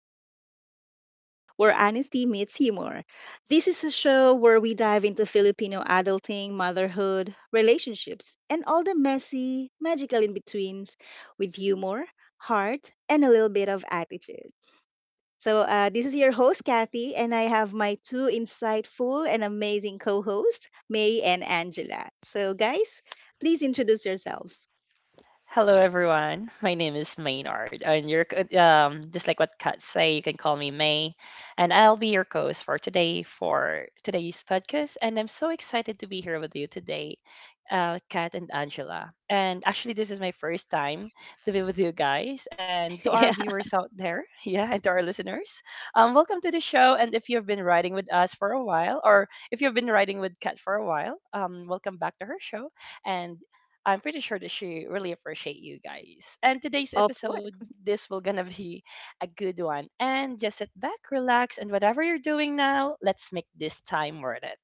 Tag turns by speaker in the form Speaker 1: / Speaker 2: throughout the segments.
Speaker 1: Talk Sweet Talk, where honesty meets humor. This is a show where we dive into Filipino adulting, motherhood, relationships, and all the messy, magical in betweens with humor, heart, and a little bit of attitude. So, this is your host, Kathy, and I have my two insightful and amazing co hosts, May and Angela. So, guys, please introduce yourselves.
Speaker 2: Hello, everyone. My name is Maynard, and just like what Kat say, you can call me May, and I'll be your host for today for today's podcast. And I'm so excited to be here with you today, Kat and Angela. And actually, this is my first time to be with you guys, and to our
Speaker 1: Yeah,
Speaker 2: viewers out there, yeah, and to our listeners, welcome to the show. And if you've been riding with us for a while, or if you've been riding with Kat for a while, welcome back to her show. And I'm pretty sure that she really appreciate you guys. And today's
Speaker 1: of
Speaker 2: episode,
Speaker 1: course.
Speaker 2: this will gonna be a good one. And just sit back, relax, and whatever you're doing now, let's make this time worth it.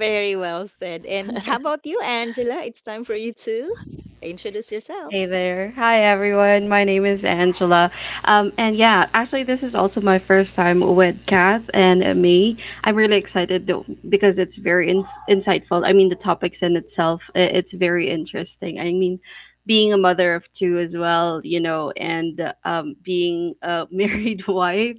Speaker 1: Very well said. And how about you, Angela? It's time for you to introduce yourself.
Speaker 3: Hey there. Hi, everyone. My name is Angela. And yeah, actually, this is also my first time with Kath and me. I'm really excited though because it's very insightful. I mean, the topics in itself, it's very interesting. I mean, being a mother of two as well, you know, and being a married wife,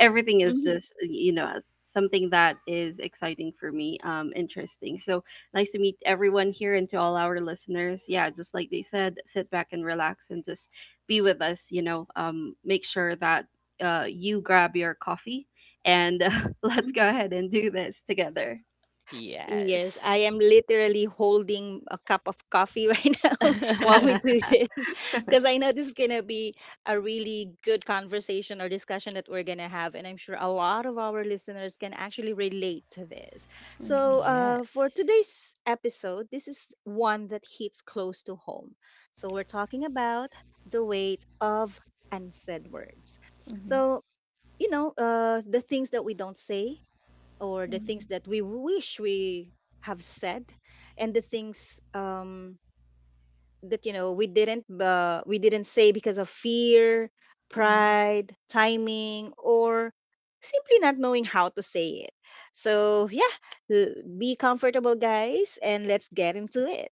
Speaker 3: everything is
Speaker 1: Mm-hmm.
Speaker 3: just, something that is exciting for me, interesting. So, nice to meet everyone here and to all our listeners. Yeah, just like they said, sit back and relax and just be with us. Make sure that you grab your coffee and let's go ahead and do this together.
Speaker 1: Yes, I am
Speaker 2: Yes.
Speaker 1: literally holding a cup of coffee right now while we do this, because I know this is going to be a really good conversation or discussion that we're going to have. And I'm sure a lot of our listeners can actually relate to this. So,
Speaker 3: Mm-hmm.
Speaker 1: uh, for
Speaker 2: yes.
Speaker 1: today's episode, this is one that hits close to home. So, we're talking about the weight of unsaid words.
Speaker 3: Mm-hmm.
Speaker 1: So, the things that we don't say or the
Speaker 3: Mm-hmm.
Speaker 1: things that we wish we have said, and the things that we didn't say because of fear, pride, timing, or simply not knowing how to say it. So yeah, l- be comfortable, guys, and let's get into it.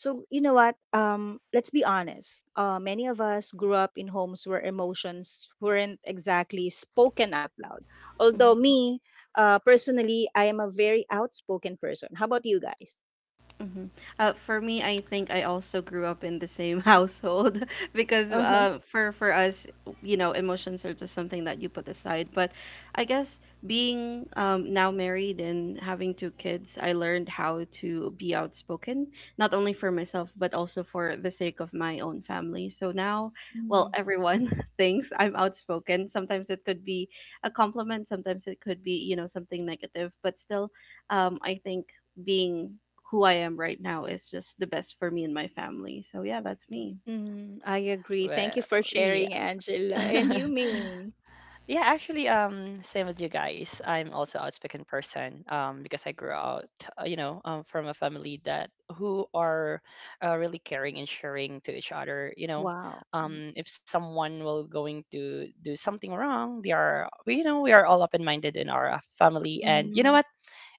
Speaker 1: So you know what? Let's be honest. Many of us grew up in homes where emotions weren't exactly spoken out loud. Although me, personally, I am a very outspoken person. How about you guys?
Speaker 3: hmm for me, I think I also grew up in the same household because
Speaker 1: Uh huh.
Speaker 3: for us, you know, emotions are just something that you put aside. But I guess being now married and having two kids, I learned how to be outspoken, not only for myself but also for the sake of my own family. So now, well, everyone thinks I'm outspoken. Sometimes it could be a compliment, sometimes it could be you know something negative, but still I think being who I am right now is just the best for me and my family. So yeah, that's me.
Speaker 1: Mm-hmm. I agree. Thank you for
Speaker 2: Well, yeah.
Speaker 1: sharing, Angela, and you,
Speaker 3: Yeah.
Speaker 1: Ming.
Speaker 2: Yeah, actually, same with you guys. I'm also outspoken person, because I grew out, from a family that who are really caring and sharing to each other. You know,
Speaker 1: Wow.
Speaker 2: if someone will going to do something wrong, we, you know, we are all open minded in our family. And you know
Speaker 1: Mm-hmm.
Speaker 2: what?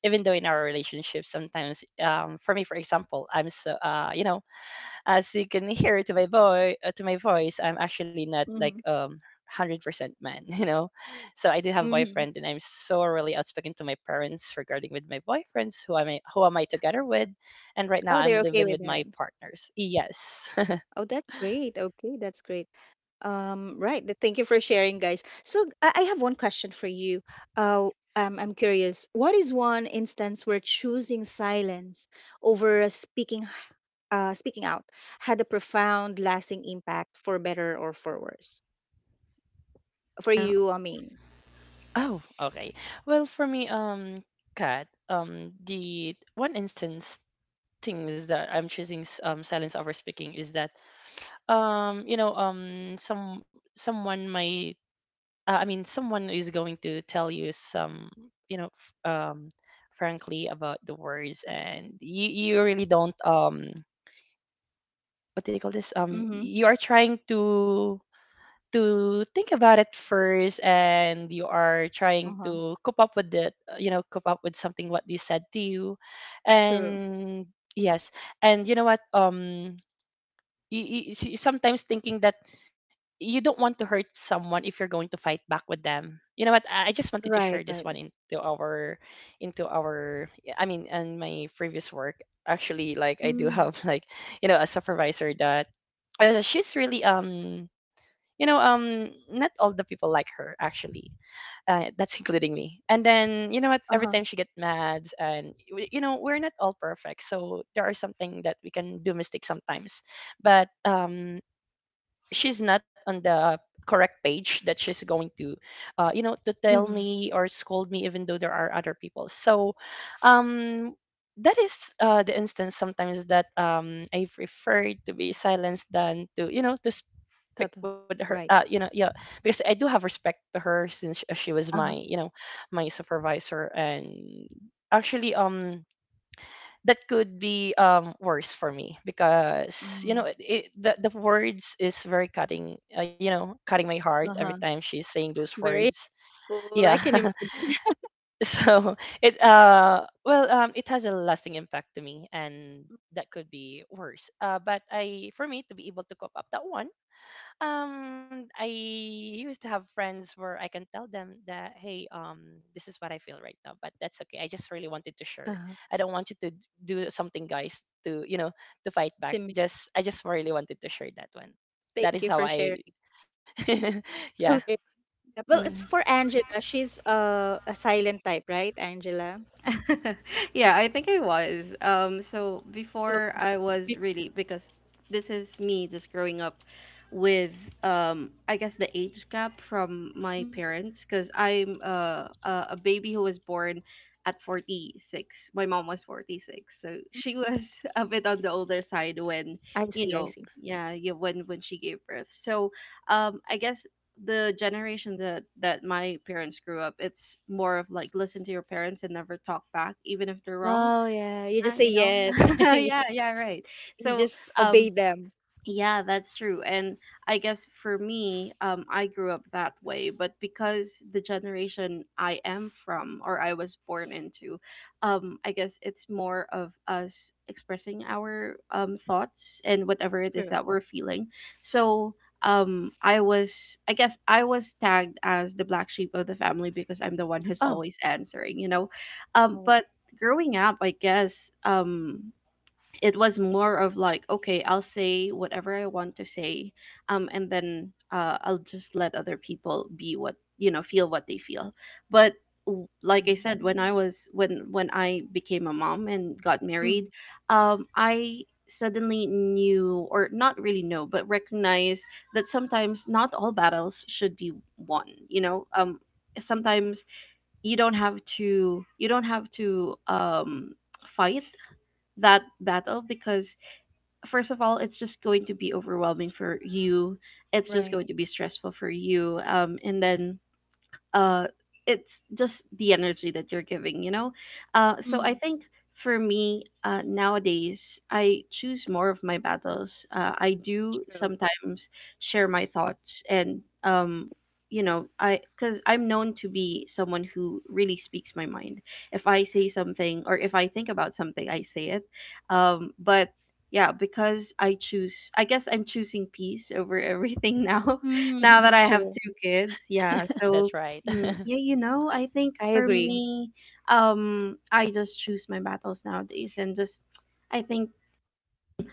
Speaker 2: Even though in our relationship, sometimes, for me, for example, I'm so, you know, as you can hear to to my voice, I'm actually not like
Speaker 1: Mm-hmm.
Speaker 2: 100% man, you know. So I do have
Speaker 1: Mm-hmm. Mm-hmm.
Speaker 2: boyfriend, and I'm so really outspoken to my parents regarding with my boyfriends who am I together with, and right now
Speaker 1: Oh, they're
Speaker 2: I'm
Speaker 1: okay
Speaker 2: living
Speaker 1: with
Speaker 2: with my
Speaker 1: that.
Speaker 2: partners. Yes.
Speaker 1: Oh, that's great. Okay, that's great. Right. Thank you for sharing, guys. So I have one question for you. Uh, I'm curious. What is one instance where choosing silence over speaking, speaking out, had a profound, lasting impact, for better or for worse? For you, I mean.
Speaker 2: Oh, okay. Well, for me, Kat, the one instance things that I'm choosing silence over speaking is that some someone my I mean, someone is going to tell you some, you know, frankly about the words, and you really don't what do you call this?
Speaker 1: Mm-hmm.
Speaker 2: You are trying to think about it first, and you are trying
Speaker 1: Uh-huh.
Speaker 2: to cope up with it, cope up with something what they said to you,
Speaker 1: True.
Speaker 2: and yes, and you know what? You see- sometimes thinking that you don't want to hurt someone if you're going to fight back with them. You know what? I just wanted to share
Speaker 1: Right.
Speaker 2: this
Speaker 1: Right.
Speaker 2: one into our, into our. I mean, And my previous work actually, like I do
Speaker 1: Mm.
Speaker 2: have like, you know, a supervisor that she's really you know not all the people like her actually that's including me. And then you know what? Every
Speaker 1: Uh-huh.
Speaker 2: time she get mad, and you know we're not all perfect, so there are something that we can do mistakes sometimes. But she's not on the correct page that she's going to to tell
Speaker 1: Mm-hmm.
Speaker 2: me or scold me even though there are other people so um that is the instance sometimes that I prefer to be silenced than to you know to speak
Speaker 1: Totoo.
Speaker 2: with her,
Speaker 1: Right.
Speaker 2: yeah, because I do have respect to her since she was my
Speaker 1: Uh-huh.
Speaker 2: you know my supervisor and actually that could be worse for me because you know
Speaker 1: Mm.
Speaker 2: the words is very cutting cutting my heart every
Speaker 1: Uh-huh.
Speaker 2: time she's saying those
Speaker 1: Very
Speaker 2: words.
Speaker 1: cool.
Speaker 2: Yeah.
Speaker 1: I can imagine.
Speaker 2: So it it has a lasting impact to me, and that could be worse, but I for me to be able to cope up that one, I used to have friends where I can tell them that, hey, this is what I feel right now, but that's okay. I just really wanted to share.
Speaker 1: Uh-huh.
Speaker 2: I don't want you to do something, guys, to you know, to fight back.
Speaker 1: Simi,
Speaker 2: Just, I just really wanted to share that one. That
Speaker 1: thank
Speaker 2: is
Speaker 1: you
Speaker 2: how
Speaker 1: for sharing.
Speaker 2: I, yeah,
Speaker 1: Okay. Yeah, well, it's for Angela. She's a silent type, right, Angela?
Speaker 3: Yeah, I think I was. So
Speaker 1: So,
Speaker 3: before I was
Speaker 1: be-
Speaker 3: really because this is me just growing up with I guess the age gap from my
Speaker 1: Mm,
Speaker 3: parents because I'm a baby who was born at 46. My mom was 46, so
Speaker 1: mm.
Speaker 3: she was a bit on the older side when
Speaker 1: I
Speaker 3: you
Speaker 1: see, I
Speaker 3: know,
Speaker 1: see.
Speaker 3: yeah, when she gave birth. So I guess the generation that my parents grew up, it's more of like listen to your parents and never talk back, even if they're wrong.
Speaker 1: Oh, yeah. You just say
Speaker 3: You know?
Speaker 1: yes. You
Speaker 3: Yeah, right.
Speaker 1: you
Speaker 3: So
Speaker 1: just obey
Speaker 3: um,
Speaker 1: them.
Speaker 3: yeah, that's true. And I guess for me, I grew up that way, but because the generation I am from or I was born into, I guess it's more of us expressing our thoughts and whatever it is
Speaker 1: True.
Speaker 3: that we're feeling. So um, I was, I guess I was tagged as the black sheep of the family because I'm the one who's
Speaker 1: Oh.
Speaker 3: always answering, you know?
Speaker 1: Oh.
Speaker 3: But growing up, I guess. Um, it was more of like, okay, I'll say whatever I want to say, um, and then uh, I'll just let other people be, what, you know, feel what they feel. But like I said, when I
Speaker 2: Mm.
Speaker 3: was when I became a mom and got
Speaker 1: Mm,
Speaker 3: married, um, I suddenly knew, or not really know, but recognize that sometimes not all battles should be won, you know. Um,
Speaker 1: mm,
Speaker 3: sometimes you don't have to, um, fight that battle because first of all, it's just going to be overwhelming for you. It's just
Speaker 1: right.
Speaker 3: going to be stressful for you. And then uh, it's just the energy that you're giving, you know. Uh, so I
Speaker 1: Mm,
Speaker 3: think for me, uh, nowadays I choose more of my battles. Uh, I do
Speaker 1: true.
Speaker 3: sometimes share my thoughts and um, you know, I because I'm known to be someone who really speaks my mind. If I say something, or if I think about something, I say it. Um, but yeah, because I choose, I guess I'm choosing peace over everything now, now that
Speaker 1: Mm,
Speaker 3: I have
Speaker 1: true.
Speaker 3: two kids, yeah.
Speaker 2: that's
Speaker 3: So
Speaker 2: right.
Speaker 3: mm, yeah, you know, I think
Speaker 1: I
Speaker 3: for
Speaker 1: agree.
Speaker 3: me, I just choose my battles nowadays, and just I think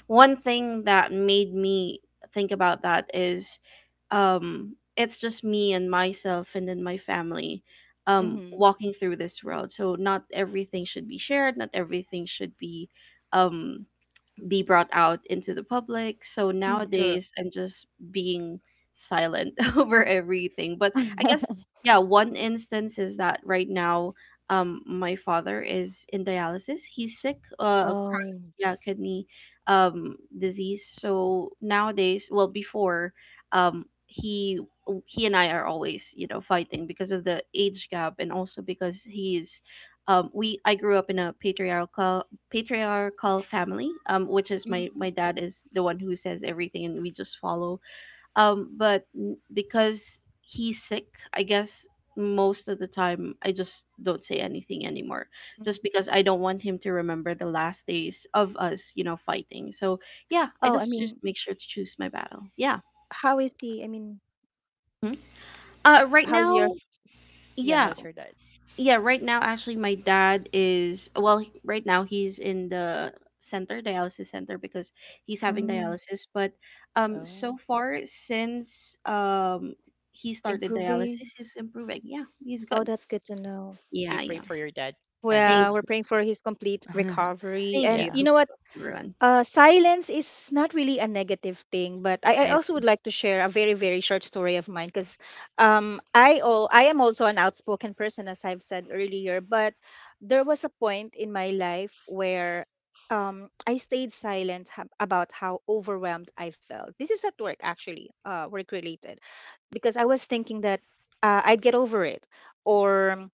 Speaker 3: one thing that made me think about that is, it's just me and myself, and then my family,
Speaker 1: Mm-hmm.
Speaker 3: walking through this world. So not everything should be shared, not everything should um, be brought out into the public. So
Speaker 1: Mm, true.
Speaker 3: nowadays, I'm just being silent over everything. But I guess, yeah, one instance is that right now, my father is in dialysis. He's sick, a chronic,
Speaker 1: Oh.
Speaker 3: yeah, kidney, disease. So nowadays, well, before, um, he he and I are always, you know, fighting because of the age gap and also because he's, we I grew up in a patriarchal family, um, which is my
Speaker 1: Mm.
Speaker 3: dad is the one who says everything and we just follow. Um, but because he's sick, I guess most of the time I just don't say anything anymore,
Speaker 1: Mm.
Speaker 3: just because I don't want him to remember the last days of us, you know, fighting. So yeah, I
Speaker 1: Oh, I
Speaker 3: just
Speaker 1: mean,
Speaker 3: make sure to choose my battle. Yeah.
Speaker 1: how is he? I mean,
Speaker 3: Mhm. Uh, right
Speaker 1: how's your
Speaker 3: now,
Speaker 2: Yeah,
Speaker 3: yeah,
Speaker 2: how's your dad?
Speaker 3: yeah, right now actually my dad is, well, right now he's in the center, dialysis center, because he's having
Speaker 1: mm,
Speaker 3: dialysis, but um, so
Speaker 2: Oh.
Speaker 3: far since um, he started
Speaker 1: improving?
Speaker 3: dialysis, he's improving. Yeah, he's
Speaker 1: Oh,
Speaker 3: good.
Speaker 1: that's good to know.
Speaker 2: We
Speaker 3: Yeah,
Speaker 2: pray
Speaker 3: yeah.
Speaker 2: for your dad,
Speaker 3: Thank
Speaker 1: Well,
Speaker 2: Angela.
Speaker 1: we're
Speaker 3: you.
Speaker 1: praying for his complete recovery. And
Speaker 2: yeah.
Speaker 1: you
Speaker 3: Thank
Speaker 1: know what?
Speaker 3: you, everyone.
Speaker 1: Silence is not really a negative thing, but I
Speaker 3: I
Speaker 1: also
Speaker 3: agree.
Speaker 1: would like to share a very, very short story of mine, because I, I am also an outspoken person, as I've said earlier. But there was a point in my life where I stayed silent about how overwhelmed I felt. This is at work, actually, work related, because I was thinking that I'd get over it, or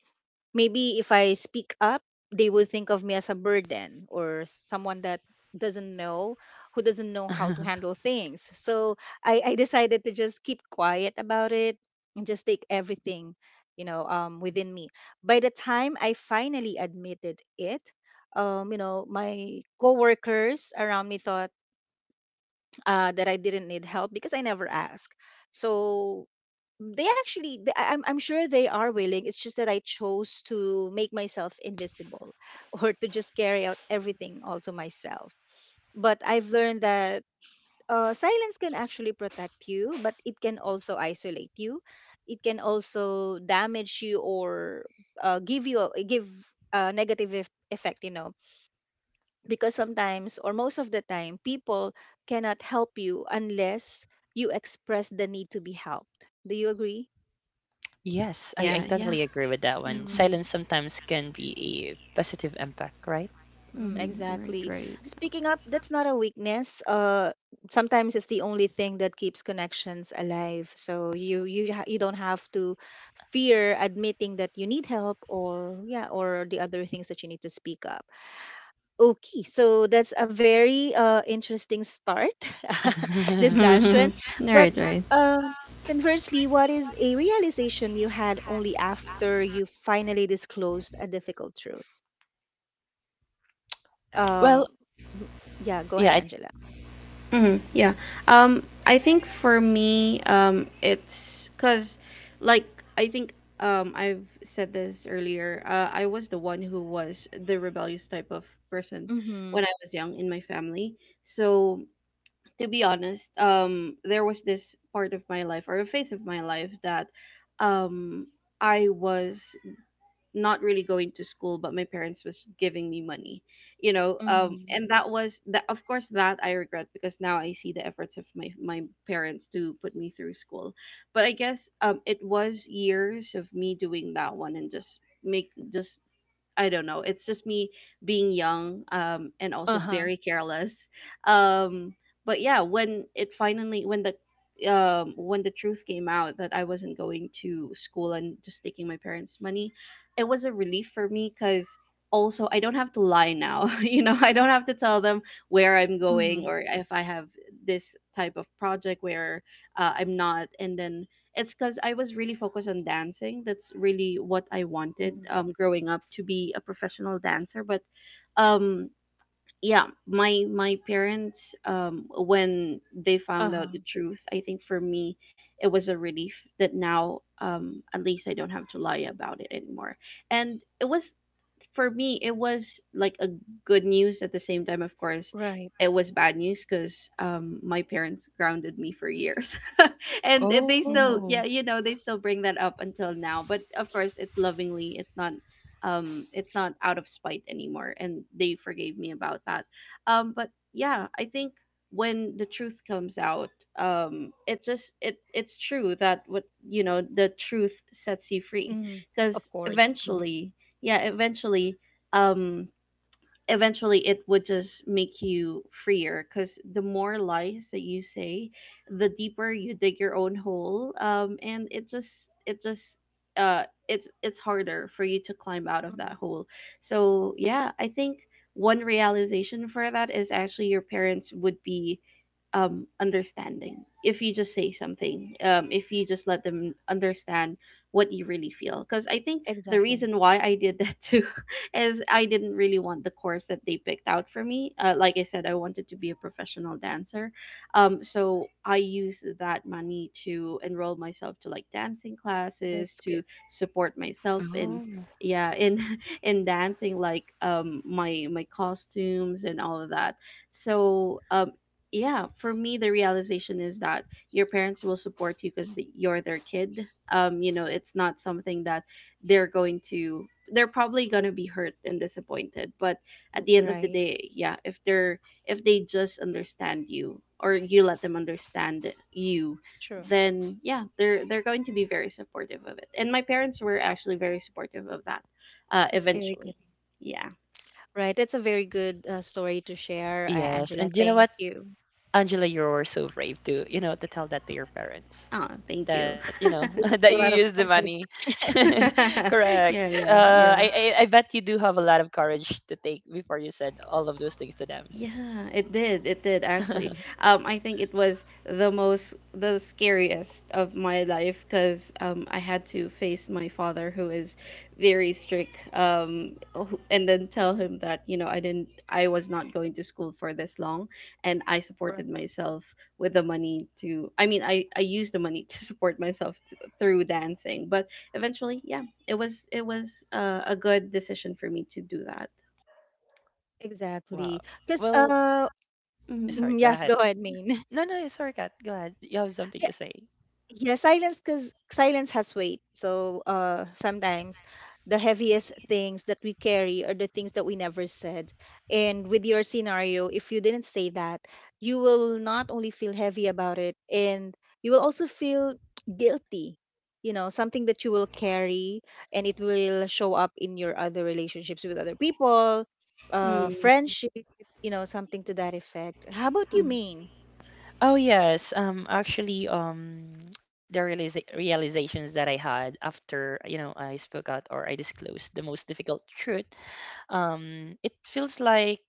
Speaker 1: maybe if I speak up, they will think of me as a burden or someone that doesn't know, who doesn't know how to handle things. So I decided to just keep quiet about it and just take everything, within me. By the time I finally admitted it, my coworkers around me thought that I didn't need help because I never asked. So they actually, they, I'm sure they are willing. It's just that I chose to make myself invisible or to just carry out everything all to myself. But I've learned that silence can actually protect you, but it can also isolate you. It can also damage you or give you a, give a negative effect, because sometimes, or most of the time, people cannot help you unless you express the need to be helped. Do you agree?
Speaker 2: Yes, I
Speaker 3: Yeah,
Speaker 2: totally
Speaker 3: yeah.
Speaker 2: agree with that one. Silence
Speaker 1: Mm,
Speaker 2: sometimes can be a positive impact, right?
Speaker 1: mm,
Speaker 3: Mm-hmm. Right,
Speaker 1: exactly.
Speaker 3: right.
Speaker 1: Speaking up, that's not a weakness. Uh, sometimes it's the only thing that keeps connections alive, so you don't have to fear admitting that you need help, or yeah, or the other things that you need to speak up. Okay, so that's a very interesting start discussion. But
Speaker 3: Right, right.
Speaker 1: um, conversely, what is a realization you had only after you finally disclosed a difficult truth? Um,
Speaker 2: well,
Speaker 1: m- yeah, go ahead,
Speaker 2: yeah. I,
Speaker 1: Angela.
Speaker 3: Mm-hmm. Yeah. I think for me, it's because, like, I think I've said this earlier. I was the one who was the rebellious type of person
Speaker 1: Mm-hmm.
Speaker 3: when I was young in my family. So, to be honest, there was this part of my life, or a phase of my life, that um, I was not really going to school but my parents was giving me money, you know. Um,
Speaker 1: Mm-hmm.
Speaker 3: and that was that, of course, that I regret because now I see the efforts of my parents to put me through school. But I guess um, it was years of me doing that one, and just make, just I don't know. It's just me being young, um, and also
Speaker 1: Uh-huh.
Speaker 3: very careless. Um, but yeah, when it finally, when the um, when the truth came out that I wasn't going to school and just taking my parents' money, it was a relief for me cuz also I don't have to lie now. You know, I don't have to tell them where I'm
Speaker 1: Mm-hmm.
Speaker 3: going, or if I have this type of project where I'm not, and then it's because I was really focused on dancing. That's really what I wanted,
Speaker 1: Mm-hmm.
Speaker 3: growing up, to be a professional dancer. But um, yeah, my parents when they found out the
Speaker 1: Uh-huh.
Speaker 3: truth, I think for me it was a relief that now at least I don't have to lie about it anymore. And it was, for me it was like a good news. At the same time, of course
Speaker 1: Right.
Speaker 3: it was bad news because um, my parents grounded me for years and they
Speaker 1: Mm-hmm.
Speaker 3: still,
Speaker 2: oh,
Speaker 3: yeah, you know, they still bring that up until now, but of course it's lovingly, it's not um, it's not out of spite anymore and they forgave me about that. Um, but yeah, I think when the truth comes out, um, it just, it's true that what, you know, the truth sets you free
Speaker 1: Mm-hmm.
Speaker 3: because
Speaker 1: Of course. Mm-hmm.
Speaker 3: eventually, yeah, eventually um, eventually it would just make you freer because the more lies that you say, the deeper you dig your own hole. Um, and it just, uh, it's harder for you to climb out of
Speaker 1: Mm-hmm.
Speaker 3: that hole. So yeah, I think one realization for that is actually your parents would be um, understanding if you just say something, um, if you just let them understand what you really feel. Because I think the
Speaker 1: Exactly.
Speaker 3: reason why I did that too is I didn't really want the course that they picked out for me. Like I said, I wanted to be a professional dancer. So I used that money to enroll myself to like dancing classes,
Speaker 1: That's good.
Speaker 3: to support myself in,
Speaker 2: Oh.
Speaker 3: yeah, in in dancing, like um, my costumes and all of that. So um, yeah, for me the realization is that your parents will support you because you're their kid. Um, you know, it's not something that they're probably going to be hurt and disappointed, but at the end of the
Speaker 1: Right.
Speaker 3: day, yeah, if they just understand you, or you let them understand you,
Speaker 1: True.
Speaker 3: then yeah, they're going to be very supportive of it. And my parents were actually very supportive of that, uh,
Speaker 1: It's very good.
Speaker 3: eventually. Yeah.
Speaker 1: Right. That's a very good story to share,
Speaker 2: yes.
Speaker 1: Angela.
Speaker 2: And you know
Speaker 1: Thank
Speaker 2: what,
Speaker 1: you.
Speaker 2: Angela, you're so brave to, you know, to tell that to your parents
Speaker 3: Oh, thank
Speaker 2: that,
Speaker 3: you.
Speaker 2: you know,
Speaker 1: It
Speaker 2: that you
Speaker 1: takes a
Speaker 2: use
Speaker 1: lot of
Speaker 2: the money.
Speaker 1: courage.
Speaker 2: Correct.
Speaker 3: yeah yeah.
Speaker 2: I bet you do have a lot of courage to take before you said all of those things to them.
Speaker 3: Yeah, it did. It did actually. I think it was the most, the scariest of my life, because I had to face my father, who is very strict, and then tell him that, you know, I was not going to school for this long, and I
Speaker 1: Right.
Speaker 3: supported myself with the money to. I I used the money to support myself through dancing. But eventually, yeah, it was, a good decision for me to do that.
Speaker 2: wow.
Speaker 1: Exactly. Because,
Speaker 2: Well,
Speaker 3: Mm-hmm.
Speaker 2: sorry,
Speaker 1: mm,
Speaker 2: go
Speaker 1: yes,
Speaker 2: ahead.
Speaker 1: go ahead, Main.
Speaker 2: No, no, sorry, Kat. Go ahead. You have something to say.
Speaker 1: Yeah, silence, because silence has weight. So sometimes the heaviest things that we carry are the things that we never said. And with your scenario, if you didn't say that, you will not only feel heavy about it, and you will also feel guilty. You know, something that you will carry, and it will show up in your other relationships with other people,
Speaker 3: Mm-hmm.
Speaker 1: friendship. You know, something to that effect. How about you, mean?
Speaker 2: Oh yes, actually the realisa realizations that I had after, you know, I spoke out or I disclosed the most difficult truth, it feels like,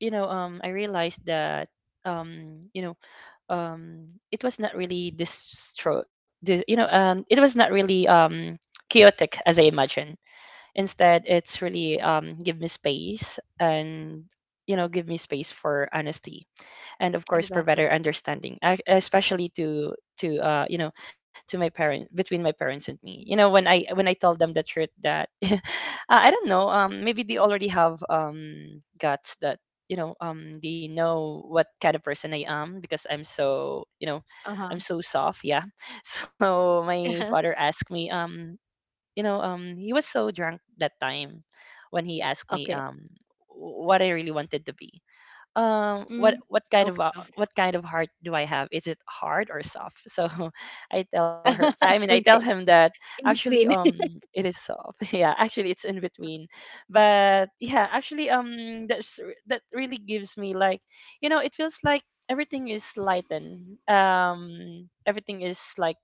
Speaker 2: you know, I realized that um you know, it was not really distro the you know, it was not really chaotic as I imagined. Instead, it's really give me space, and you know, give me space for honesty and of course for
Speaker 1: Exactly.
Speaker 2: better understanding especially to to uh you know to my parents, between my parents and me, you know, when I told them the truth that, uh, I don't know, maybe they already have guts that you know they know what kind of person I am because I'm so
Speaker 1: Uh
Speaker 2: you know
Speaker 1: huh.
Speaker 2: I'm so soft, yeah. So my father asked me he was so drunk that time when he asked me
Speaker 1: Okay.
Speaker 2: what I really wanted to be,
Speaker 1: Mm,
Speaker 2: what kind of
Speaker 1: okay, okay.
Speaker 2: what kind of heart do I have, is it hard or soft? So I tell her I mean I tell
Speaker 1: Okay.
Speaker 2: him that
Speaker 1: In
Speaker 2: actually
Speaker 1: between.
Speaker 2: it is soft, yeah, actually it's in between. But yeah, actually, that's that really gives me like you know it feels like everything is lightened, everything is like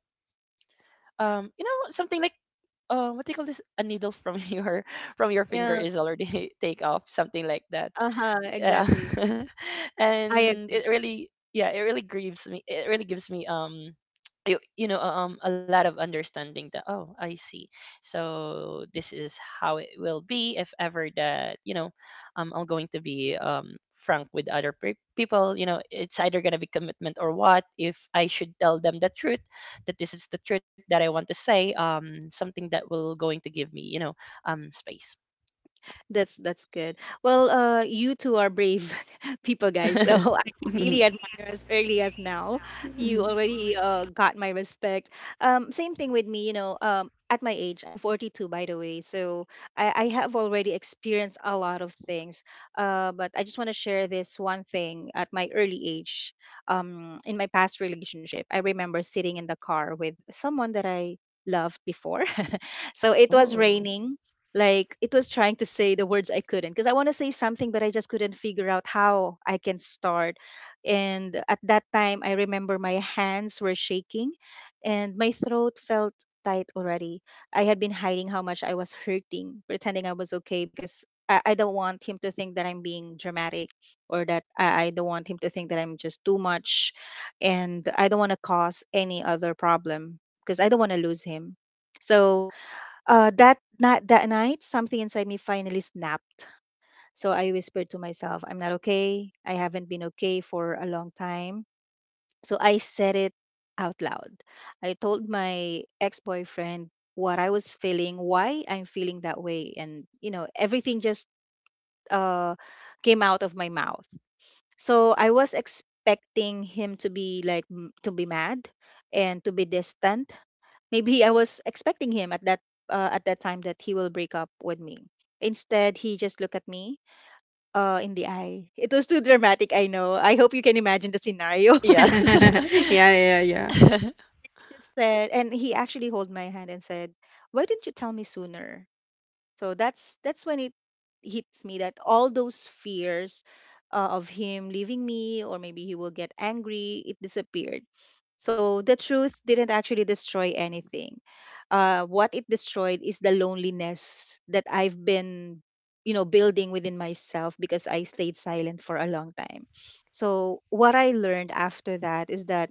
Speaker 2: you know something like what do you call this? A needle from your from your finger
Speaker 1: Yeah.
Speaker 2: is already take off, something like that,
Speaker 1: Uh huh.
Speaker 2: yeah.
Speaker 1: Exactly. I
Speaker 2: And it
Speaker 1: agree.
Speaker 2: really, yeah, it really grieves me, it really gives me a lot of understanding that, oh I see, so this is how it will be if ever that you know I'm going to be frank with other people, you know, it's either going to be commitment or what if I should tell them the truth that this is the truth that I want to say, something that will going to give me you know space.
Speaker 1: That's good. Well, you two are brave people, guys. So I really admire as early as now. You
Speaker 3: Mhm.
Speaker 1: already got my respect. Same thing with me. You know, at my age, I'm 42, by the way. So I have already experienced a lot of things. But I just want to share this one thing at my early age. In my past relationship, I remember sitting in the car with someone that I loved before. So it was
Speaker 2: Oh
Speaker 1: raining, like it was trying to say the words I couldn't, because I want to say something but I just couldn't figure out how I can start. And at that time, I remember my hands were shaking and my throat felt tight already. I had been hiding how much I was hurting, pretending I was okay, because I don't want him to think that I'm being dramatic, or that I don't want him to think that I'm just too much, and I don't want to cause any other problem because I don't want to lose him. So that night, that night, something inside me finally snapped. So I whispered to myself, "I'm not okay. I haven't been okay for a long time." So I said it out loud. I told my ex-boyfriend what I was feeling, why I'm feeling that way, and you know, everything just uh came out of my mouth. So I was expecting him to be like to be mad and to be distant. Maybe I was expecting him at that time that he will break up with me. Instead, he just looked at me in the eye. It was too dramatic, I know. I hope you can imagine the scenario.
Speaker 2: yeah.
Speaker 3: Yeah, yeah, yeah.
Speaker 1: He just said, and he actually held my hand and said, "Why didn't you tell me sooner?" So that's when it hits me that all those fears of him leaving me or maybe he will get angry, it disappeared. So the truth didn't actually destroy anything. What it destroyed is the loneliness that I've been, you know, building within myself because I stayed silent for a long time. So what I learned after that is that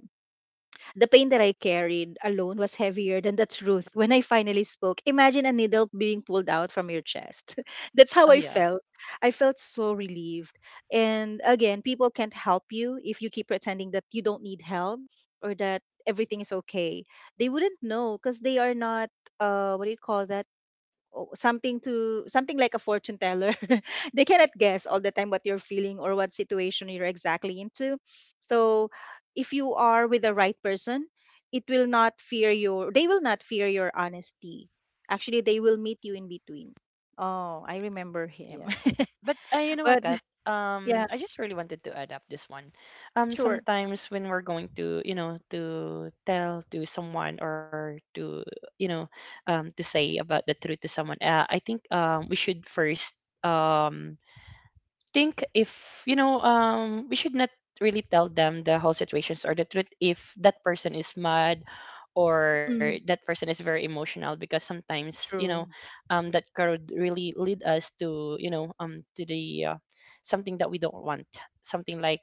Speaker 1: the pain that I carried alone was heavier than the truth when I finally spoke. Imagine a needle being pulled out from your chest. That's
Speaker 2: Oh
Speaker 1: how I
Speaker 2: yeah,
Speaker 1: felt. I felt so relieved. And again, people can't help you if you keep pretending that you don't need help, or that everything is okay. They wouldn't know because they are not, what do you call that? Something to something like a fortune teller. They cannot guess all the time what you're feeling or what situation you're exactly into. So if you are with the right person, it will not fear your, they will not fear your honesty. Actually, they will meet you in between. Oh, I remember him.
Speaker 2: yeah. But you know what,
Speaker 1: But
Speaker 2: Kat?
Speaker 1: yeah,
Speaker 2: I just really wanted to add up this one.
Speaker 1: sure.
Speaker 2: Sometimes when we're going to, you know, to tell to someone or to, you know, to say about the truth to someone, I think we should first um think if you know we should not really tell them the whole situations or the truth if that person is mad or
Speaker 1: Mhm.
Speaker 2: that person is very emotional because sometimes you know
Speaker 1: True.
Speaker 2: that could really lead us to you know to the, something that we don't want, something like,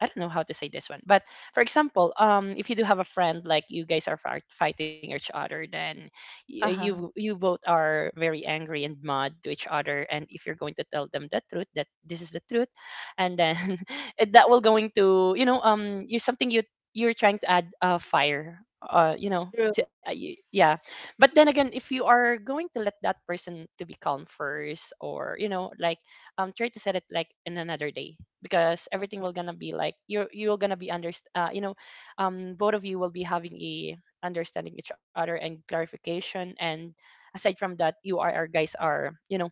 Speaker 2: I don't know how to say this one, but for example, if you do have a friend like you guys are fighting each other, then you
Speaker 1: Uh-huh.
Speaker 2: you both are very angry and mad to each other, and if you're going to tell them the truth that this is the truth, and then it- that will going to you know you you're trying to add, fire, uh you know
Speaker 1: True.
Speaker 2: to, yeah. But then again, if you are going to let that person to be calm first, or you know like, try to set it like in another day, because everything will gonna be like you're gonna be under, both of you will be having a understanding each other and clarification, and aside from that you are our guys are you know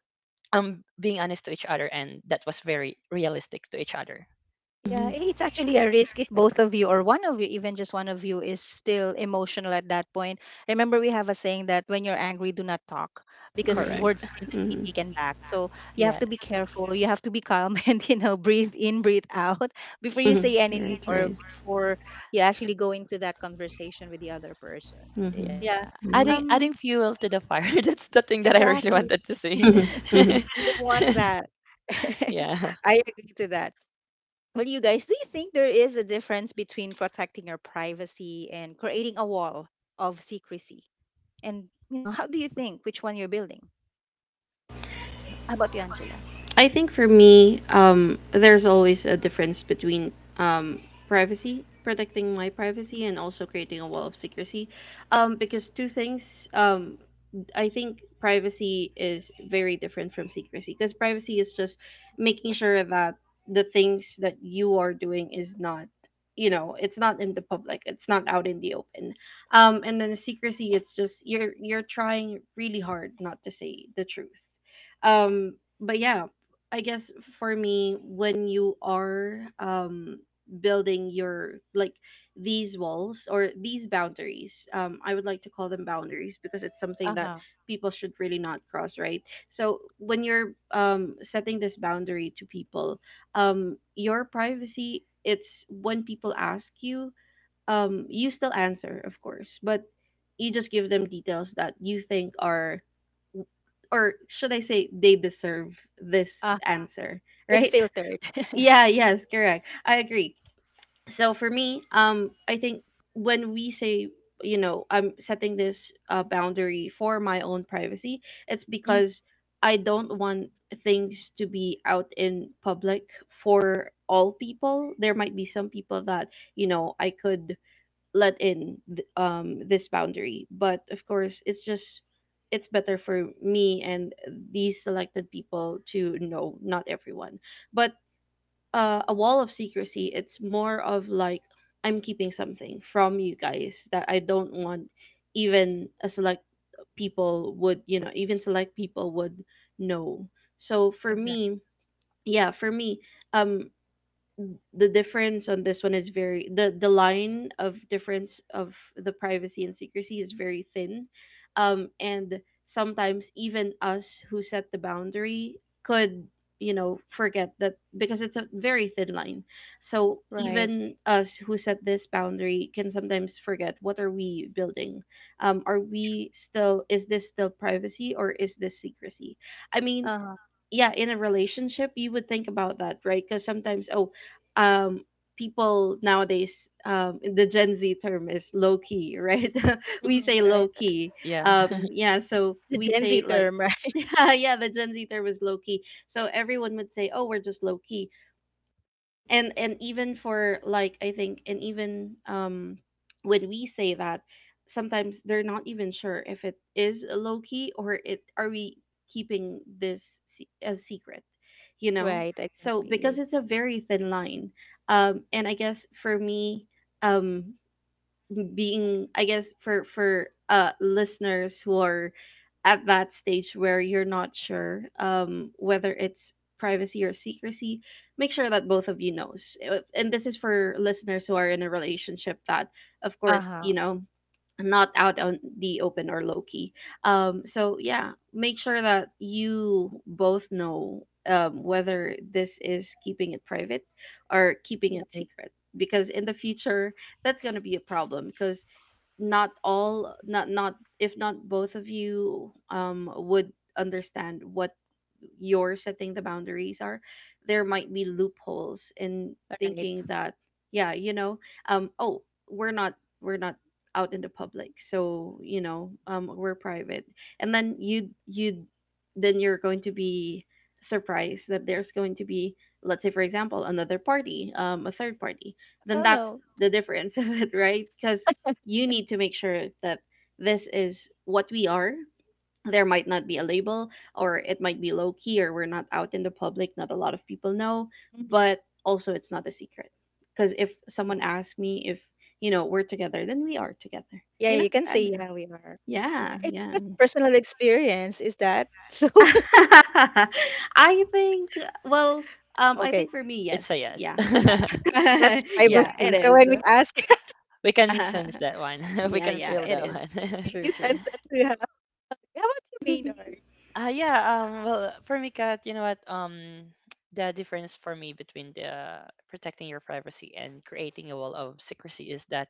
Speaker 2: being honest to each other, and that was very realistic to each other.
Speaker 1: Yeah, eh,
Speaker 3: hmm
Speaker 1: it's actually a risk if both of you, or one of you, even just one of you, is still emotional at that point. Remember, we have a saying that when you're angry, do not talk, because
Speaker 2: Correct.
Speaker 3: Right.
Speaker 1: words cannot be
Speaker 3: hmm
Speaker 1: taken back. So you have to be
Speaker 2: Yes.
Speaker 1: careful. You have to be calm and, you know, breathe in, breathe out before you say anything,
Speaker 3: Right,
Speaker 1: or
Speaker 3: right.
Speaker 1: before you actually go into that conversation with the other person.
Speaker 3: hmm
Speaker 1: Yeah.
Speaker 2: Yeah,
Speaker 3: Right.
Speaker 2: adding
Speaker 1: Um,
Speaker 2: fuel to the fire, that's the thing that I really
Speaker 1: exactly.
Speaker 2: wanted to see.
Speaker 3: Mhm, mhm.
Speaker 1: You don't want that.
Speaker 2: Yeah,
Speaker 1: I agree to that. Well, you guys, do you think there is a difference between protecting your privacy and creating a wall of secrecy? And, how do you think which one you're building? How about you, Angela?
Speaker 3: I think for me, there's always a difference between privacy, protecting my
Speaker 1: Mm.
Speaker 3: privacy, and also creating a wall of secrecy. Because two things, I think privacy is very different from secrecy because privacy is just making sure that the things that you are doing is not, it's not in the public, it's not out in the open. And then secrecy, it's just you're trying really hard not to say the truth. But yeah, I guess for me, when you are building your like these walls or these boundaries, I would like to call them boundaries because it's something that
Speaker 1: Uh-huh.
Speaker 3: people should really not cross, right? So when you're setting this boundary to people, your privacy, it's when people ask you, you still answer, of course, but you just give them details that you think are, or should I say, they deserve this
Speaker 1: Uh,
Speaker 3: answer,
Speaker 1: it's
Speaker 3: right?
Speaker 1: filtered.
Speaker 3: Yeah, yes, correct. I agree. So for me, I think when we say, I'm setting this boundary for my own privacy, it's
Speaker 1: mm,
Speaker 3: because I don't want things to be out in public for all people. There might be some people that, I could let in this boundary, but of course it's just it's better for me and these selected people to know, not everyone. But a wall of secrecy, it's more of like I'm keeping something from you guys that I don't want even a select people would, even select people would know. So for
Speaker 1: exactly.
Speaker 3: me, yeah, for me, um the difference on this one is very the line of difference of the privacy and secrecy is very thin. And sometimes even us who set the boundary could, forget that because it's a very thin line. So
Speaker 1: Right.
Speaker 3: even us who set this boundary can sometimes forget what are we building. Are
Speaker 1: True.
Speaker 3: we still, is this still privacy, or is this secrecy? I mean,
Speaker 1: Uh-huh.
Speaker 3: yeah, in a relationship you would think about that, right? Because sometimes, oh, um people nowadays, the Gen Z term is low key, right? We
Speaker 1: Mm,
Speaker 3: say low
Speaker 1: right. Right.
Speaker 3: key.
Speaker 2: yeah.
Speaker 3: Yeah, so
Speaker 1: The
Speaker 3: we
Speaker 1: Gen
Speaker 3: say
Speaker 1: Z
Speaker 3: like,
Speaker 1: term, right?
Speaker 3: yeah, yeah, the Gen Z term is low key, so everyone would say, oh, we're just low key. And even for like I think, and even when we say that, sometimes they're not even sure if it is low key or it, are we keeping this a secret, you know?
Speaker 1: Right,
Speaker 3: So because
Speaker 1: exactly.
Speaker 3: it's a very thin line. And I guess for me, um being, I guess for uh, listeners who are at that stage where you're not sure whether it's privacy or secrecy, make sure that both of you knows. And this is for listeners who are in a relationship that of course,
Speaker 1: Uh-huh.
Speaker 3: not out on the open or low key, so yeah, make sure that you both know whether this is keeping it private or keeping it
Speaker 1: Right.
Speaker 3: secret, because in the future that's going to be a problem. Because not if not both of you would understand what you're setting the boundaries are, there might be loopholes in
Speaker 1: Right.
Speaker 3: thinking that, yeah, you know, oh, we're not we're not out in the public, so you know, we're private. And then you then you're going to be surprised that there's going to be, let's say for example, another party, a third party, then
Speaker 1: Oh
Speaker 3: that's
Speaker 1: no.
Speaker 3: the difference of it, right? Because you need to make sure that this is what we are. There might not be a label, or it might be low key, or we're not out in the public, not a lot of people know, but also it's not a secret. Because if
Speaker 1: Mm.
Speaker 3: someone asks me if, you know, we're together, then we are together.
Speaker 1: Yeah,
Speaker 3: You know?
Speaker 1: you can say yeah, we are.
Speaker 3: Yeah, yeah,
Speaker 1: It's
Speaker 3: yeah.
Speaker 1: just a personal experience, is that? So,
Speaker 3: I think, well, I
Speaker 1: okay.
Speaker 3: think for me, yes.
Speaker 2: It's a yes.
Speaker 3: Yeah, yeah.
Speaker 1: That's
Speaker 2: Yeah.
Speaker 3: Yeah,
Speaker 1: privacy.
Speaker 3: it
Speaker 1: So when we
Speaker 3: is.
Speaker 1: ask,
Speaker 2: We can sense that one. We
Speaker 3: Yeah,
Speaker 2: can
Speaker 3: yeah,
Speaker 2: feel
Speaker 3: it
Speaker 2: that
Speaker 3: is.
Speaker 2: one.
Speaker 3: True,
Speaker 1: you
Speaker 3: true.
Speaker 1: sense that we have. How about you, Maynard?
Speaker 2: Yeah. Well, for me, Kat, you know what? The difference for me between the protecting your privacy and creating a wall of secrecy is that,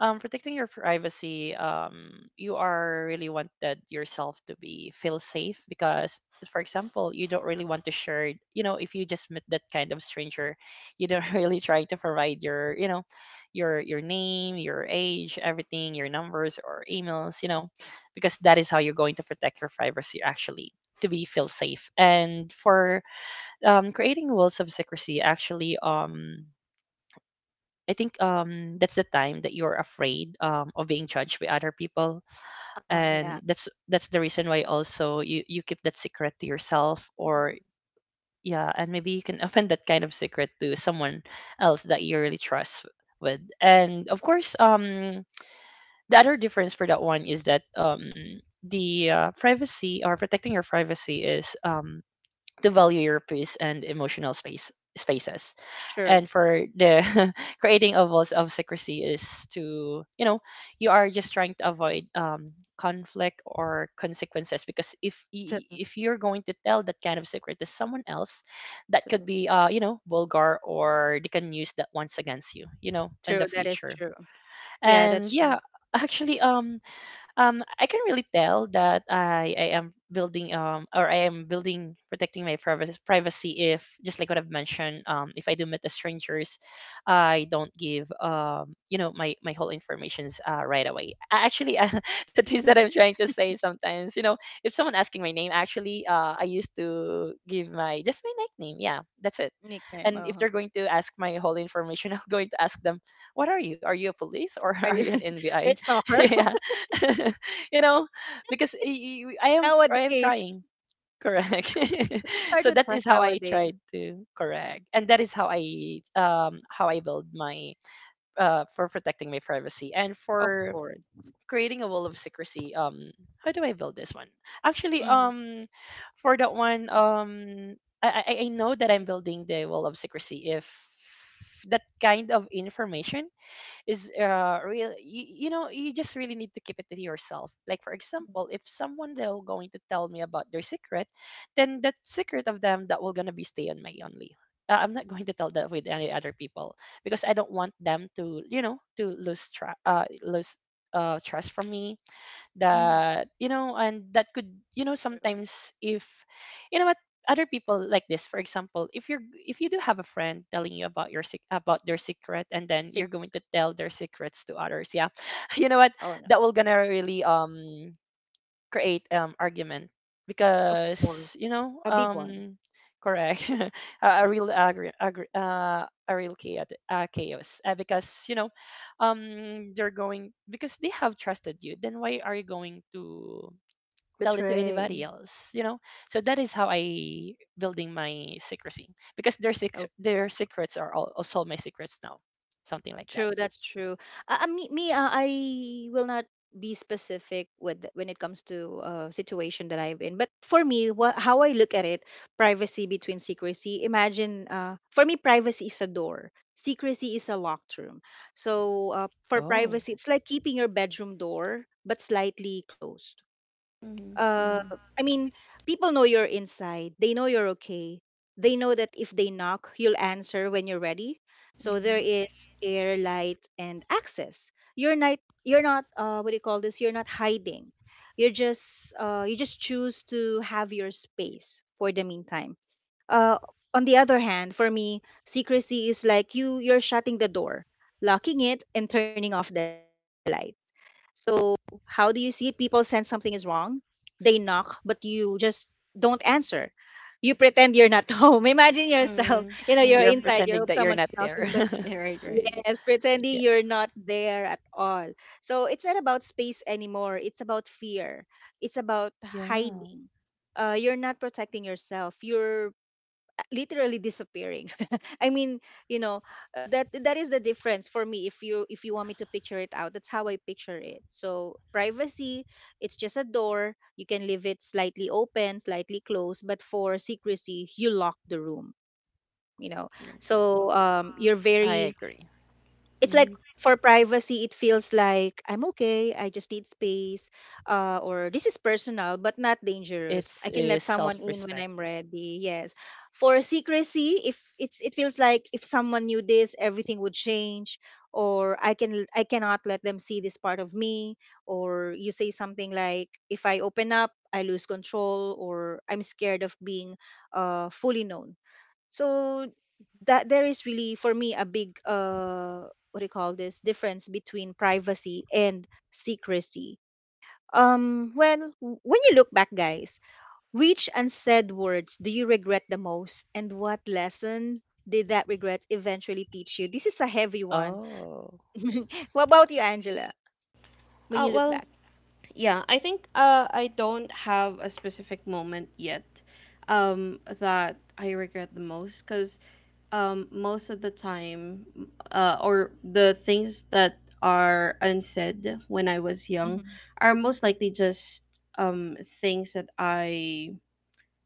Speaker 2: protecting your privacy, you are really wanted yourself to be feel safe because, for example, you don't really want to share. You know, if you just met that kind of stranger, you don't really try to provide your name, your age, everything, your numbers or emails. Because that is how you're going to protect your privacy actually to be feel safe. And for creating rules of secrecy, actually, I think that's the time that you're afraid of being judged by other people,
Speaker 1: Oh,
Speaker 2: and
Speaker 1: yeah.
Speaker 2: that's the reason why also you keep that secret to yourself,
Speaker 1: Mhm.
Speaker 2: or yeah, and maybe you can open that kind of secret to someone else that you really trust with. And of course, the other difference for that one is that the privacy, or protecting your privacy, is to value your peace and emotional space spaces.
Speaker 1: True.
Speaker 2: And for the creating a voice of secrecy is to, you know, you are just trying to avoid conflict or consequences, because
Speaker 1: True.
Speaker 2: if you're going to tell that kind of secret to someone else, that could
Speaker 1: True.
Speaker 2: be you know, vulgar, or they can use that once against you, you know, in
Speaker 1: True.
Speaker 2: the
Speaker 1: That is
Speaker 2: future.
Speaker 1: true. Yeah,
Speaker 2: And
Speaker 1: that's true.
Speaker 2: yeah. actually I can really tell that I am building or I am building protecting my privacy if, just like what I've mentioned, if I do meet the strangers, I don't give, you know, my whole informations right away. I actually
Speaker 1: Mm.
Speaker 2: the things that I'm trying to say sometimes, you know, if someone asking my name, actually I used to give my, just my nickname, yeah, that's it.
Speaker 1: Nickname.
Speaker 2: And if
Speaker 1: Oh,
Speaker 2: they're going to ask my whole information, I'm going to ask them, what are you, are you a police, or
Speaker 1: are
Speaker 2: are
Speaker 1: you
Speaker 2: you an
Speaker 1: are
Speaker 2: NBI?
Speaker 1: you stalker?
Speaker 2: Yeah. You know, because I am I am
Speaker 1: Nowadays,
Speaker 2: trying. Correct.
Speaker 1: it's hard
Speaker 2: So
Speaker 1: to
Speaker 2: that is
Speaker 1: trust
Speaker 2: how I
Speaker 1: nowadays.
Speaker 2: tried to correct, and that is how I build my for protecting my privacy. And
Speaker 1: Of
Speaker 2: for
Speaker 1: course.
Speaker 2: creating a wall of secrecy, how do I build this one? Actually,
Speaker 1: Mm-hmm.
Speaker 2: for that one, I know that I'm building the wall of secrecy if that kind of information is real. You know, you just really need to keep it to yourself. Like, for example, if someone, they're going to tell me about their secret, then that secret of them, that will gonna be stay on my only. I'm not going to tell that with any other people, because I don't want them to, you know, to lose trust from me.
Speaker 1: Mm-hmm.
Speaker 2: That, you know, and that could, you know,
Speaker 1: True.
Speaker 2: sometimes if, you know what, other people like this. For example, if you're, if you do have a friend telling you about your about their secret, and then you're going
Speaker 1: Secret.
Speaker 2: to tell their secrets to others, yeah, you know what,
Speaker 1: Oh no.
Speaker 2: that will gonna really create argument.
Speaker 1: Of course.
Speaker 2: Because, you know,
Speaker 1: A big one.
Speaker 2: correct. A, a real chaos, chaos. Because, you know, they're going, because they have trusted you, then why are you going to tell it to
Speaker 1: Betray.
Speaker 2: anybody else, you know? So that is how I building my secrecy, because their their secrets are all, also my secrets now, something like that.
Speaker 1: True, that's true. Me, me I will not be specific with when it comes to situation that I've been. But for me, what how I look at it, privacy between secrecy. Imagine, for me, privacy is a door. Secrecy is a locked room. So, for
Speaker 2: Oh.
Speaker 1: privacy, it's like keeping your bedroom door but slightly closed.
Speaker 3: Mhm,
Speaker 1: uh
Speaker 3: mhm.
Speaker 1: I mean, people know you're inside. They know you're okay. They know that if they knock, you'll answer when you're ready. So there
Speaker 3: Mm-hmm.
Speaker 1: is air, light, and access. You're not, what do you call this? You're not hiding. You just choose to have your space for the meantime. uh, on the other hand, for me, secrecy is like you're shutting the door, locking it, and turning off the lights. So how do you see it? People sense something is wrong. They knock, but you just don't answer. You pretend you're not home. Imagine yourself.
Speaker 3: Mm.
Speaker 1: You're
Speaker 2: You're
Speaker 3: Mm-hmm.
Speaker 1: inside, your
Speaker 2: pretending
Speaker 1: hope
Speaker 2: that
Speaker 1: someone
Speaker 2: you're not
Speaker 1: is
Speaker 2: there.
Speaker 1: knocking, but
Speaker 3: Yeah, right, right,
Speaker 1: yes, pretending
Speaker 2: Yeah,
Speaker 1: you're not there at all. So it's not about space anymore. It's about fear. It's about
Speaker 2: yeah,
Speaker 1: hiding. You're not protecting yourself. You're literally disappearing. I mean you know that is the difference for me. If you want me to picture it out, that's how I picture it. So, privacy, it's just a door, you can leave it slightly open, slightly closed, but for secrecy, you lock the room you know
Speaker 3: right, right.
Speaker 1: so, you're
Speaker 2: I
Speaker 1: very
Speaker 2: agree.
Speaker 1: it's like,
Speaker 3: Mm-hmm.
Speaker 1: for privacy, it feels like I'm okay, I just need space. Or this is personal but not dangerous.
Speaker 2: It's
Speaker 1: I can
Speaker 2: a
Speaker 1: let someone in when
Speaker 2: self-respect.
Speaker 1: I'm ready, yes. For secrecy, if it's it feels like, if someone knew this, everything would change, or I cannot let them see this part of me, or you say something like, if I open up, I lose control, or I'm scared of being fully known. So, that there is really for me a big, what do you call this, difference between privacy and secrecy. When you look back, guys, which unsaid words do you regret the most, and what lesson did that regret eventually teach you? This is a heavy one.
Speaker 2: Oh,
Speaker 1: What about you, Angela? When you look
Speaker 3: Well,
Speaker 1: back.
Speaker 3: yeah, I think I don't have a specific moment yet that I regret the most, because most of the time, or the things that are unsaid when I was young
Speaker 1: Hmm.
Speaker 3: are most likely just things that I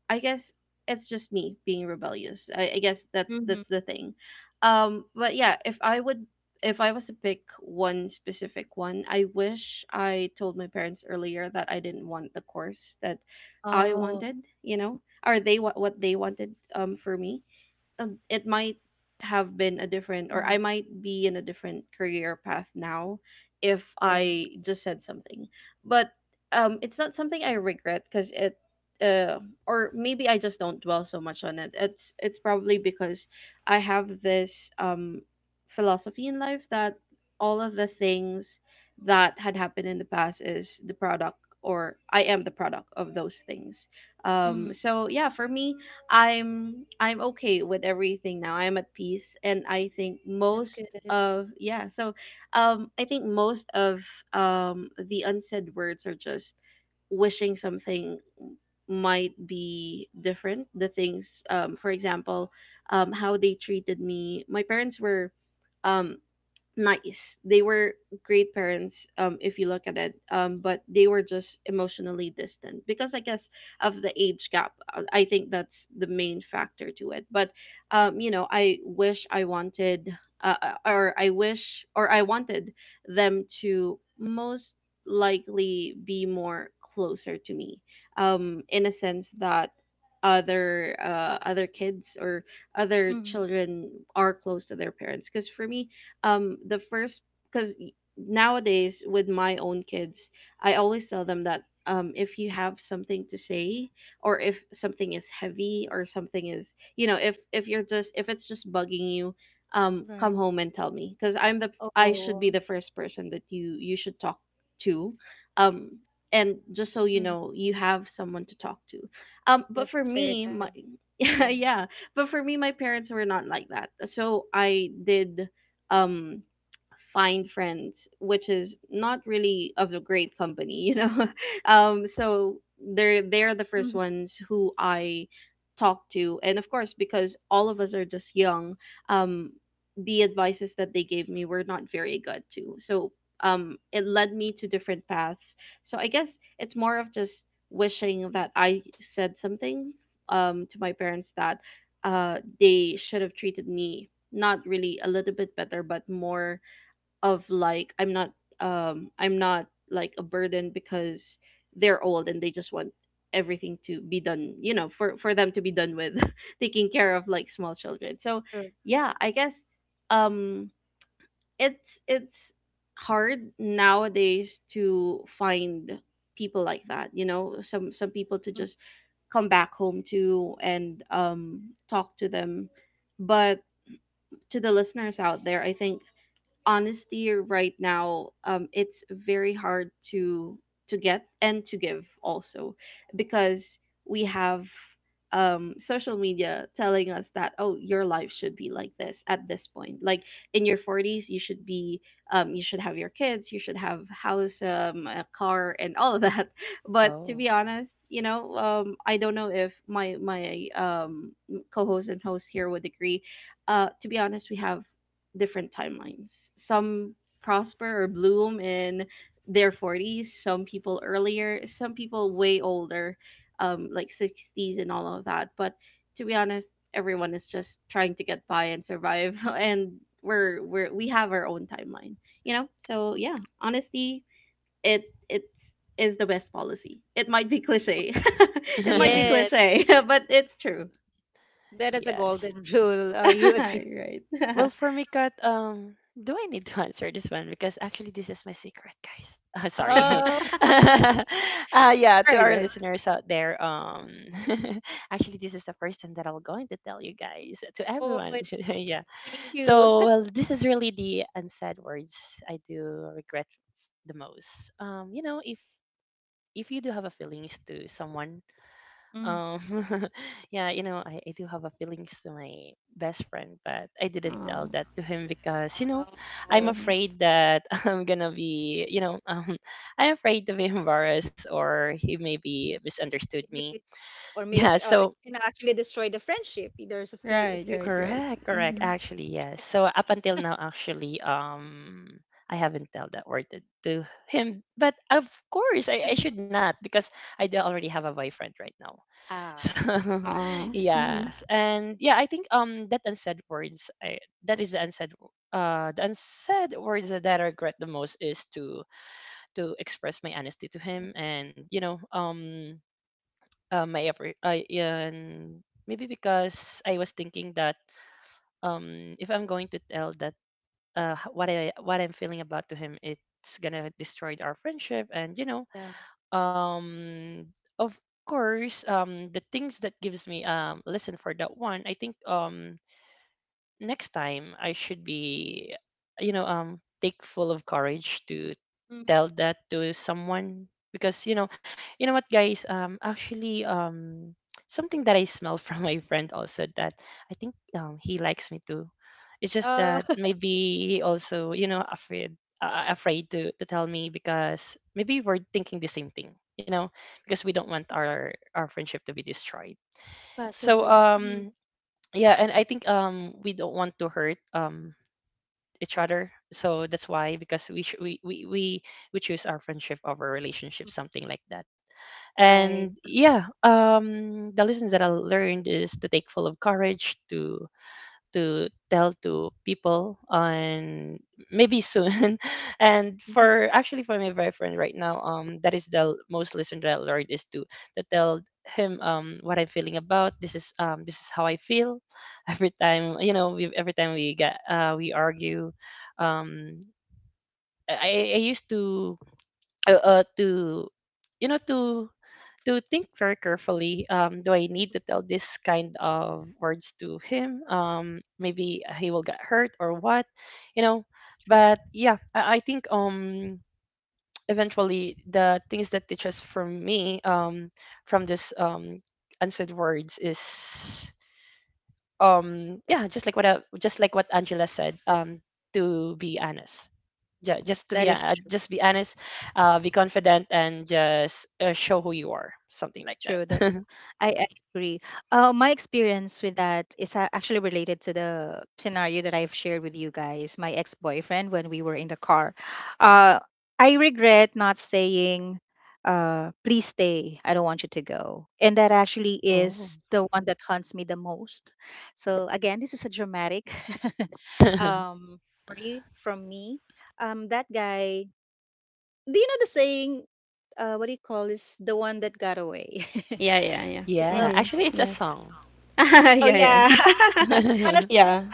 Speaker 3: I guess it's just me being rebellious. I guess
Speaker 1: Hmm.
Speaker 3: that's the thing. But yeah, if I would, if I was to pick one specific one, I wish I told my parents earlier that I didn't want the course that I
Speaker 1: Oh.
Speaker 3: wanted, you know, or they, what they wanted for me, it might have been a different, or I
Speaker 1: Mhm,
Speaker 3: might be in a different career path now if
Speaker 1: right.
Speaker 3: I just said something. But it's not something I regret, because it, uh, or maybe I just don't dwell so much on it. It's probably because I have this philosophy in life that all of the things that had happened in the past is the product, or I am the product of those things.
Speaker 1: Hmm.
Speaker 3: So yeah, for me, I'm okay with everything now. I'm at peace, and I think
Speaker 1: That's
Speaker 3: most
Speaker 1: good.
Speaker 3: of, yeah, so I think most of the unsaid words are just wishing something might be different. The things for example, how they treated me. My parents were um nice. They were great parents, if you look at it. But they were just emotionally distant, because I guess of the age gap. I think that's the main factor to it. But, you know, I wish I wanted, or I wish, or I wanted them to most likely be more closer to me. In a sense that other other kids or other
Speaker 1: Hmm.
Speaker 3: children are close to their parents, because for me the first, because nowadays with my own kids, I always tell them that if you have something to say, or if something is heavy or something is, you know, if you're just, if it's just bugging you, come
Speaker 1: Right.
Speaker 3: home and tell me, because I should be
Speaker 1: Oh.
Speaker 3: the first person that you should talk to. um and just so you
Speaker 1: Mhm,
Speaker 3: know, you have someone to talk to. But
Speaker 1: that's
Speaker 3: for
Speaker 1: very
Speaker 3: me, my
Speaker 1: touching.
Speaker 3: yeah, yeah. But for me, my parents were not like that, so I did, um find friends which is not really of a great company, you know. So
Speaker 1: Mhm,
Speaker 3: they're the first ones who I talk to, and of course, because all of us are just young, um the advices that they gave me were not very good too. So it led me to different paths. So I guess it's more of just wishing that I said something to my parents, that they should have treated me, not really a little bit better, but more of like, I'm not, I'm not like a burden, because they're old and they just want everything to be done, you know, for them to be done with taking care of like small
Speaker 1: true.
Speaker 3: children. So yeah, I guess um it's hard nowadays to find people like that, you know, some
Speaker 1: Mhm.
Speaker 3: people to just come back home to and talk to them. But to the listeners out there, I think honesty right now, it's very hard to get and to give also, because we have social media telling us that, oh, your life should be like this at this point, like in your 40s you should be, you should have your kids, you should have house, a car and all of that. But to
Speaker 2: oh,
Speaker 3: be honest, you know, I don't know if my, my co-host and host here would agree, to be honest, we have different timelines. Some prosper or bloom in their 40s, some people earlier, some people way older, like 60s and all of that. But to be honest, everyone is just trying to get by and survive, and we're, we have our own timeline, you know. So yeah, honesty, it is the best policy. It might be cliche, it might be
Speaker 2: yes.
Speaker 1: Yes,
Speaker 3: cliche, but it's true.
Speaker 1: that is a golden rule. You agree?
Speaker 3: Right.
Speaker 2: Well, for me, Kat, do I need to answer this one? Because actually, this is my secret, guys. Sorry.
Speaker 1: Oh.
Speaker 3: Right,
Speaker 2: uh, yeah, to our
Speaker 3: right.
Speaker 2: listeners out there, actually, this is the first time that I'm going to tell you guys, to
Speaker 1: Oh,
Speaker 2: everyone.
Speaker 1: it's...
Speaker 2: Yeah.
Speaker 1: Thank you.
Speaker 2: So, well, this is really the unsaid words I do regret the most. You know, if you do have a feelings to someone.
Speaker 1: Mhm.
Speaker 2: Um, yeah, you know, I do have a feelings to my best friend, but I didn't
Speaker 3: Aw.
Speaker 2: tell that to him because, you know, I'm
Speaker 3: Mhm.
Speaker 1: Oh,
Speaker 2: afraid that I'm gonna be, you know, I'm afraid to be embarrassed, or he maybe misunderstood
Speaker 1: it
Speaker 2: me.
Speaker 1: may- or
Speaker 2: Yeah,
Speaker 1: miss, or it
Speaker 2: so
Speaker 1: can actually destroy the friendship. There's a
Speaker 3: Right,
Speaker 1: fear
Speaker 3: right,
Speaker 1: of that.
Speaker 3: right.
Speaker 2: correct, correct.
Speaker 3: Mhm.
Speaker 2: Actually, yes. So up until now, actually, I haven't tell that word to him. But of course, I should not, because I do already have a boyfriend right now. So,
Speaker 1: Ah.
Speaker 3: Oh. Mhm.
Speaker 2: yes. And yeah, I think that unsaid words, that is the the unsaid words that I regret the most, is to express my honesty to
Speaker 1: Mm,
Speaker 2: him. And you know, my effort, I and maybe because I was thinking that if I'm going to tell that, what I, what I'm feeling about to him, it's gonna destroy our friendship. And you know,
Speaker 1: yeah.
Speaker 2: um of course, the things that gives me lesson for that one, I think next time I should be, you know, take full of courage to
Speaker 1: Mm.
Speaker 2: tell that to someone. Because, you know what, guys, actually, something that I smell from my friend also, that I think he likes me too. It's just
Speaker 1: Oh,
Speaker 2: that maybe he also, you know, afraid. Afraid to tell me, because maybe we're thinking the same thing, you know, because we don't want our friendship to be destroyed. So
Speaker 1: possibly. Mm.
Speaker 2: yeah, and I think we don't want to hurt each other, so that's why. Because we sh- we choose our friendship over relationship,
Speaker 1: Mm.
Speaker 2: something like that.
Speaker 1: Right.
Speaker 2: And yeah, the lessons that I learned is to take full of courage to tell to people. And maybe soon, and
Speaker 1: Mhm,
Speaker 2: for, actually for my boyfriend right now, that is the most lesson that I learned, is to tell him what I'm feeling about. This is this is how I feel. Every time, you know, every time we get we argue, um I used to uh, uh to you know, to think very carefully, do I need to tell this kind of words to him? Maybe he will get hurt or what, you know.
Speaker 1: sure.
Speaker 2: But yeah, I think eventually the things that teaches from me, from this, unsaid words, is yeah, just like what just like what Angela said,
Speaker 1: Th-
Speaker 2: to be honest. Just to
Speaker 1: That
Speaker 2: be
Speaker 1: is true.
Speaker 2: just be honest, be confident, and just show who you are, something like that.
Speaker 1: True, that is. I agree. My experience with that is actually related to the scenario that I've shared with you guys. My ex-boyfriend, when we were in the car, uh, I regret not saying, "Please stay. I don't want you to go." And that actually
Speaker 2: Oh.
Speaker 1: is the one that haunts me the most. So again, this is a dramatic um, story from me. That guy. Do you know the saying? What do you call this? The one that got away.
Speaker 3: Yeah, yeah, yeah.
Speaker 1: So,
Speaker 2: Yeah.
Speaker 3: Mhm.
Speaker 2: Actually, it's a
Speaker 3: Yes.
Speaker 2: song.
Speaker 1: oh
Speaker 3: Yeah,
Speaker 1: yeah,
Speaker 3: yeah.
Speaker 1: Manaslu.
Speaker 3: Yeah.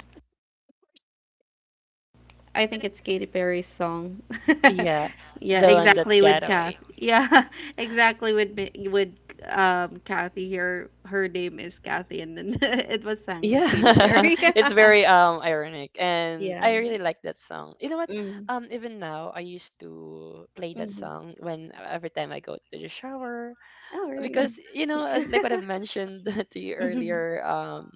Speaker 3: I think
Speaker 1: Manaslu.
Speaker 3: it's Katy Perry's song.
Speaker 2: Yeah.
Speaker 3: Yeah,
Speaker 2: The one that
Speaker 3: exactly
Speaker 2: got
Speaker 3: with Kath.
Speaker 2: away.
Speaker 3: Yeah, exactly with with Kathy here. Her name is Kathy, and then it was sung by
Speaker 2: Yeah.
Speaker 3: Katy Perry.
Speaker 2: It's very ironic, and
Speaker 3: Yeah.
Speaker 2: I really like that song. You know what?
Speaker 3: Mm.
Speaker 2: Even now I used to play that
Speaker 3: Mhm.
Speaker 2: song when every time I go to the shower,
Speaker 3: Oh,
Speaker 2: because,
Speaker 3: really?
Speaker 2: you know, as
Speaker 3: Mhm.
Speaker 2: like what I've mentioned to you earlier,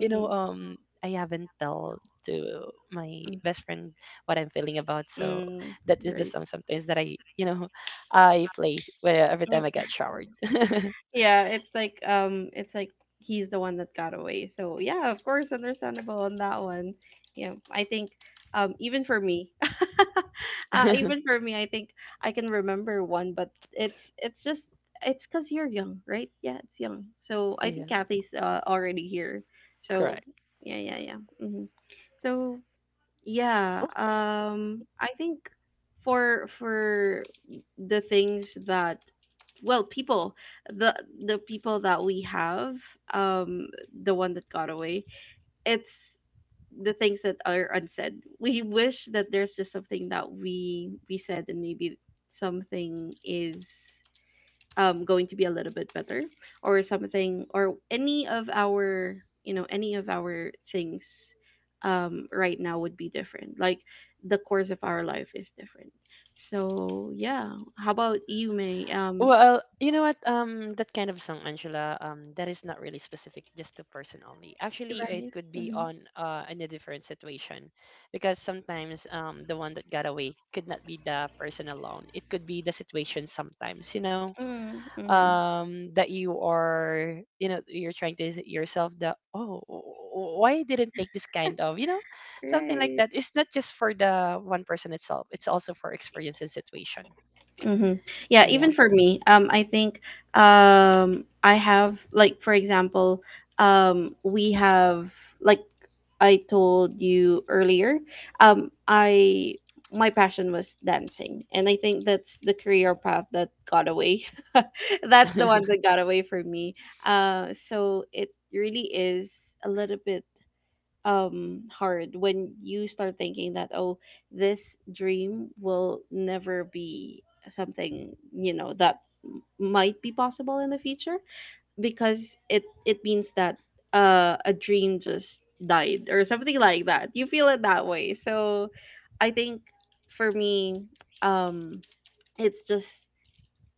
Speaker 2: you know, I haven't told to my
Speaker 3: Mm.
Speaker 2: best friend what I'm feeling about. So
Speaker 3: Mm.
Speaker 2: that is the
Speaker 3: Great.
Speaker 2: some sometimes that I, you know, I play where every time I get showered.
Speaker 3: Yeah, it's like he's the one that got away. So yeah, of course, understandable on that one. Yeah, I think even for me, even for me, I think I can remember one, but it's just it's because you're young, right? Yeah, it's young. So I think
Speaker 2: Yeah,
Speaker 3: Kathy's already here. So
Speaker 2: correct.
Speaker 3: yeah, yeah, yeah. So yeah, I think for the things that well people the the people that we have, um the one that got away, it's the things that are unsaid. We wish that there's just something that we said and maybe something is going to be a little bit better, or something, or any of our, you know, any of our things right now would be different, like the course of our life is different. So yeah, how about you, may
Speaker 2: Well, you know what? That kind of song, Angela, that is not really specific just to person only. Actually, it
Speaker 3: Right.
Speaker 2: could be
Speaker 3: Mm-hmm.
Speaker 2: on in a different situation, because sometimes the one that got away could not be the person alone. It could be the situation sometimes, you know,
Speaker 3: Mm, hmm, mm hmm.
Speaker 2: that you are, you know, you're trying to say yourself that, oh, why I didn't take this kind of, you know, something like
Speaker 3: Right.
Speaker 2: that. It's not just for the one person itself. It's also for experience and situation.
Speaker 3: Mm-hmm. Yeah,
Speaker 2: Yeah.
Speaker 3: even for me, I think I have, like, for example, we have, like, I told you earlier, I my passion was dancing, and I think that's the career path that got away. That's the one that got away from me. So it really is a little bit hard when you start thinking that, oh, this dream will never be something, you know, that might be possible in the future, because it means that a dream just died or something like that, you feel it that way. So I think, for me, um it's just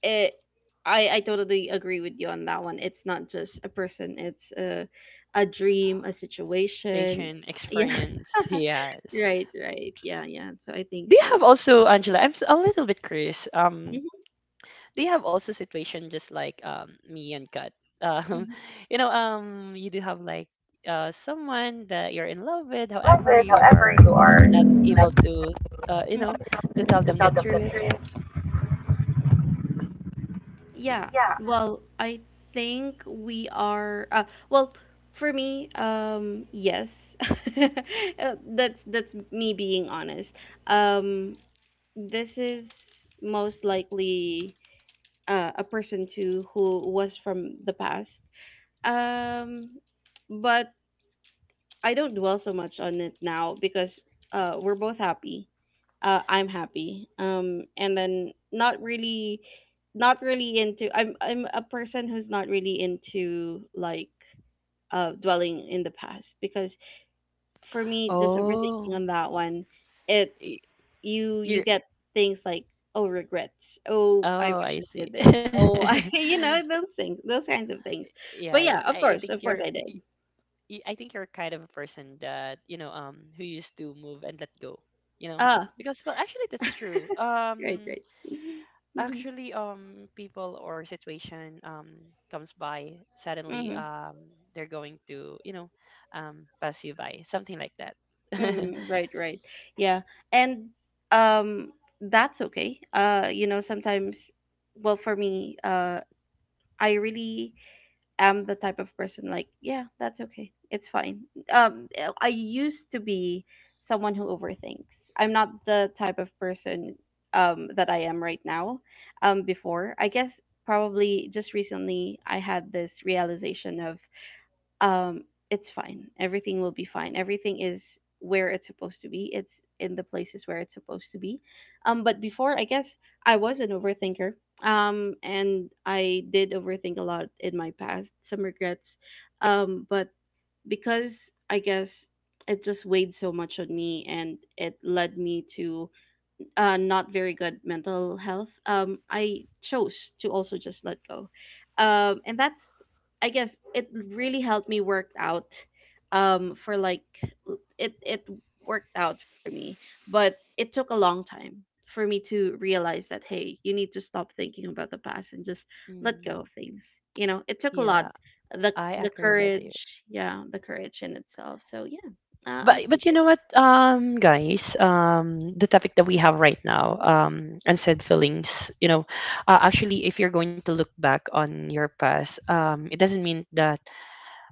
Speaker 3: it. I totally agree with you on that one. It's not just a person, it's a dream, a situation.
Speaker 2: Station
Speaker 3: Yeah.
Speaker 2: experience he has.
Speaker 3: Right, right. Yeah, yeah. So I think
Speaker 2: Do you
Speaker 3: so.
Speaker 2: have also, Angela? A little bit curious.
Speaker 3: Mhm,
Speaker 2: Do you have also situation just like me and Kat? Um,
Speaker 3: mhm,
Speaker 2: you know, you do have like someone that you're in
Speaker 1: Someone
Speaker 2: love
Speaker 1: that you're
Speaker 2: with.
Speaker 1: in love
Speaker 2: However,
Speaker 1: with,
Speaker 2: you
Speaker 1: however,
Speaker 2: are
Speaker 1: you are
Speaker 3: mhm,
Speaker 2: not
Speaker 1: not
Speaker 2: able to
Speaker 1: able
Speaker 2: you know,
Speaker 3: mhm.
Speaker 2: to tell
Speaker 1: to
Speaker 2: them
Speaker 1: tell
Speaker 2: the
Speaker 1: them the
Speaker 2: truth.
Speaker 1: truth.
Speaker 3: Yeah.
Speaker 1: Yeah,
Speaker 3: Well, I think we are well, for me, yes. That's me being honest. Um, this is most likely a person to who was from the past. Um, but I don't dwell so much on it now because we're both happy. I'm happy. And then not really, not really into. I'm a person who's not really into, like, dwelling in the past because, for me, just overthinking
Speaker 2: Oh,
Speaker 3: on that one, it
Speaker 2: y-
Speaker 3: you you
Speaker 2: you're.
Speaker 3: get things like, "Oh, regrets. Oh, I
Speaker 2: Oh,
Speaker 3: wish
Speaker 2: I
Speaker 3: I
Speaker 2: see.
Speaker 3: did this. Oh, I," you know, those things, those kinds of things.
Speaker 2: Yeah,
Speaker 3: But
Speaker 2: yeah.
Speaker 3: yeah,
Speaker 2: I think
Speaker 3: of
Speaker 2: you're.
Speaker 3: course I did.
Speaker 2: I think you're kind of a person that, you know, who used to move and let go, you know.
Speaker 3: Ah,
Speaker 2: Because, well, actually, that's true.
Speaker 3: right, right. Mhm,
Speaker 2: Actually, people or situation comes by suddenly.
Speaker 3: mhm,
Speaker 2: They're going to, you know, pass you by, something like that.
Speaker 3: mhm, right, right. Yeah. And um that's okay. You know, sometimes, well, for me, I really I am the type of person like, yeah, that's okay. It's fine. Um, I used to be someone who overthinks. I'm not the type of person that I am right now. Before, I guess, probably just recently I had this realization of um it's fine, everything will be fine, everything is where it's supposed to be, it's in the places where it's supposed to be. Um, but before, I guess, I was an overthinker. Um, and I did overthink a lot in my past, some regrets. Um, but because, I guess, it just weighed so much on me and it led me to not very good mental health, I chose to also just let go. And that's, I guess, it really helped me work out, for like, it worked out for me, but it took a long time for me to realize that, hey, you need to stop thinking about the past and just let
Speaker 2: Mm,
Speaker 3: go of things. You know, it took a lot.
Speaker 2: yeah,
Speaker 3: The,
Speaker 2: I
Speaker 3: the
Speaker 2: agree with you.
Speaker 3: courage, yeah, the courage in itself. So yeah, I
Speaker 2: but
Speaker 3: would think
Speaker 2: but you
Speaker 3: that's
Speaker 2: know what, guys, the topic that we have right now, unsaid feelings, you know, actually, if you're going to look back on your past, it doesn't mean that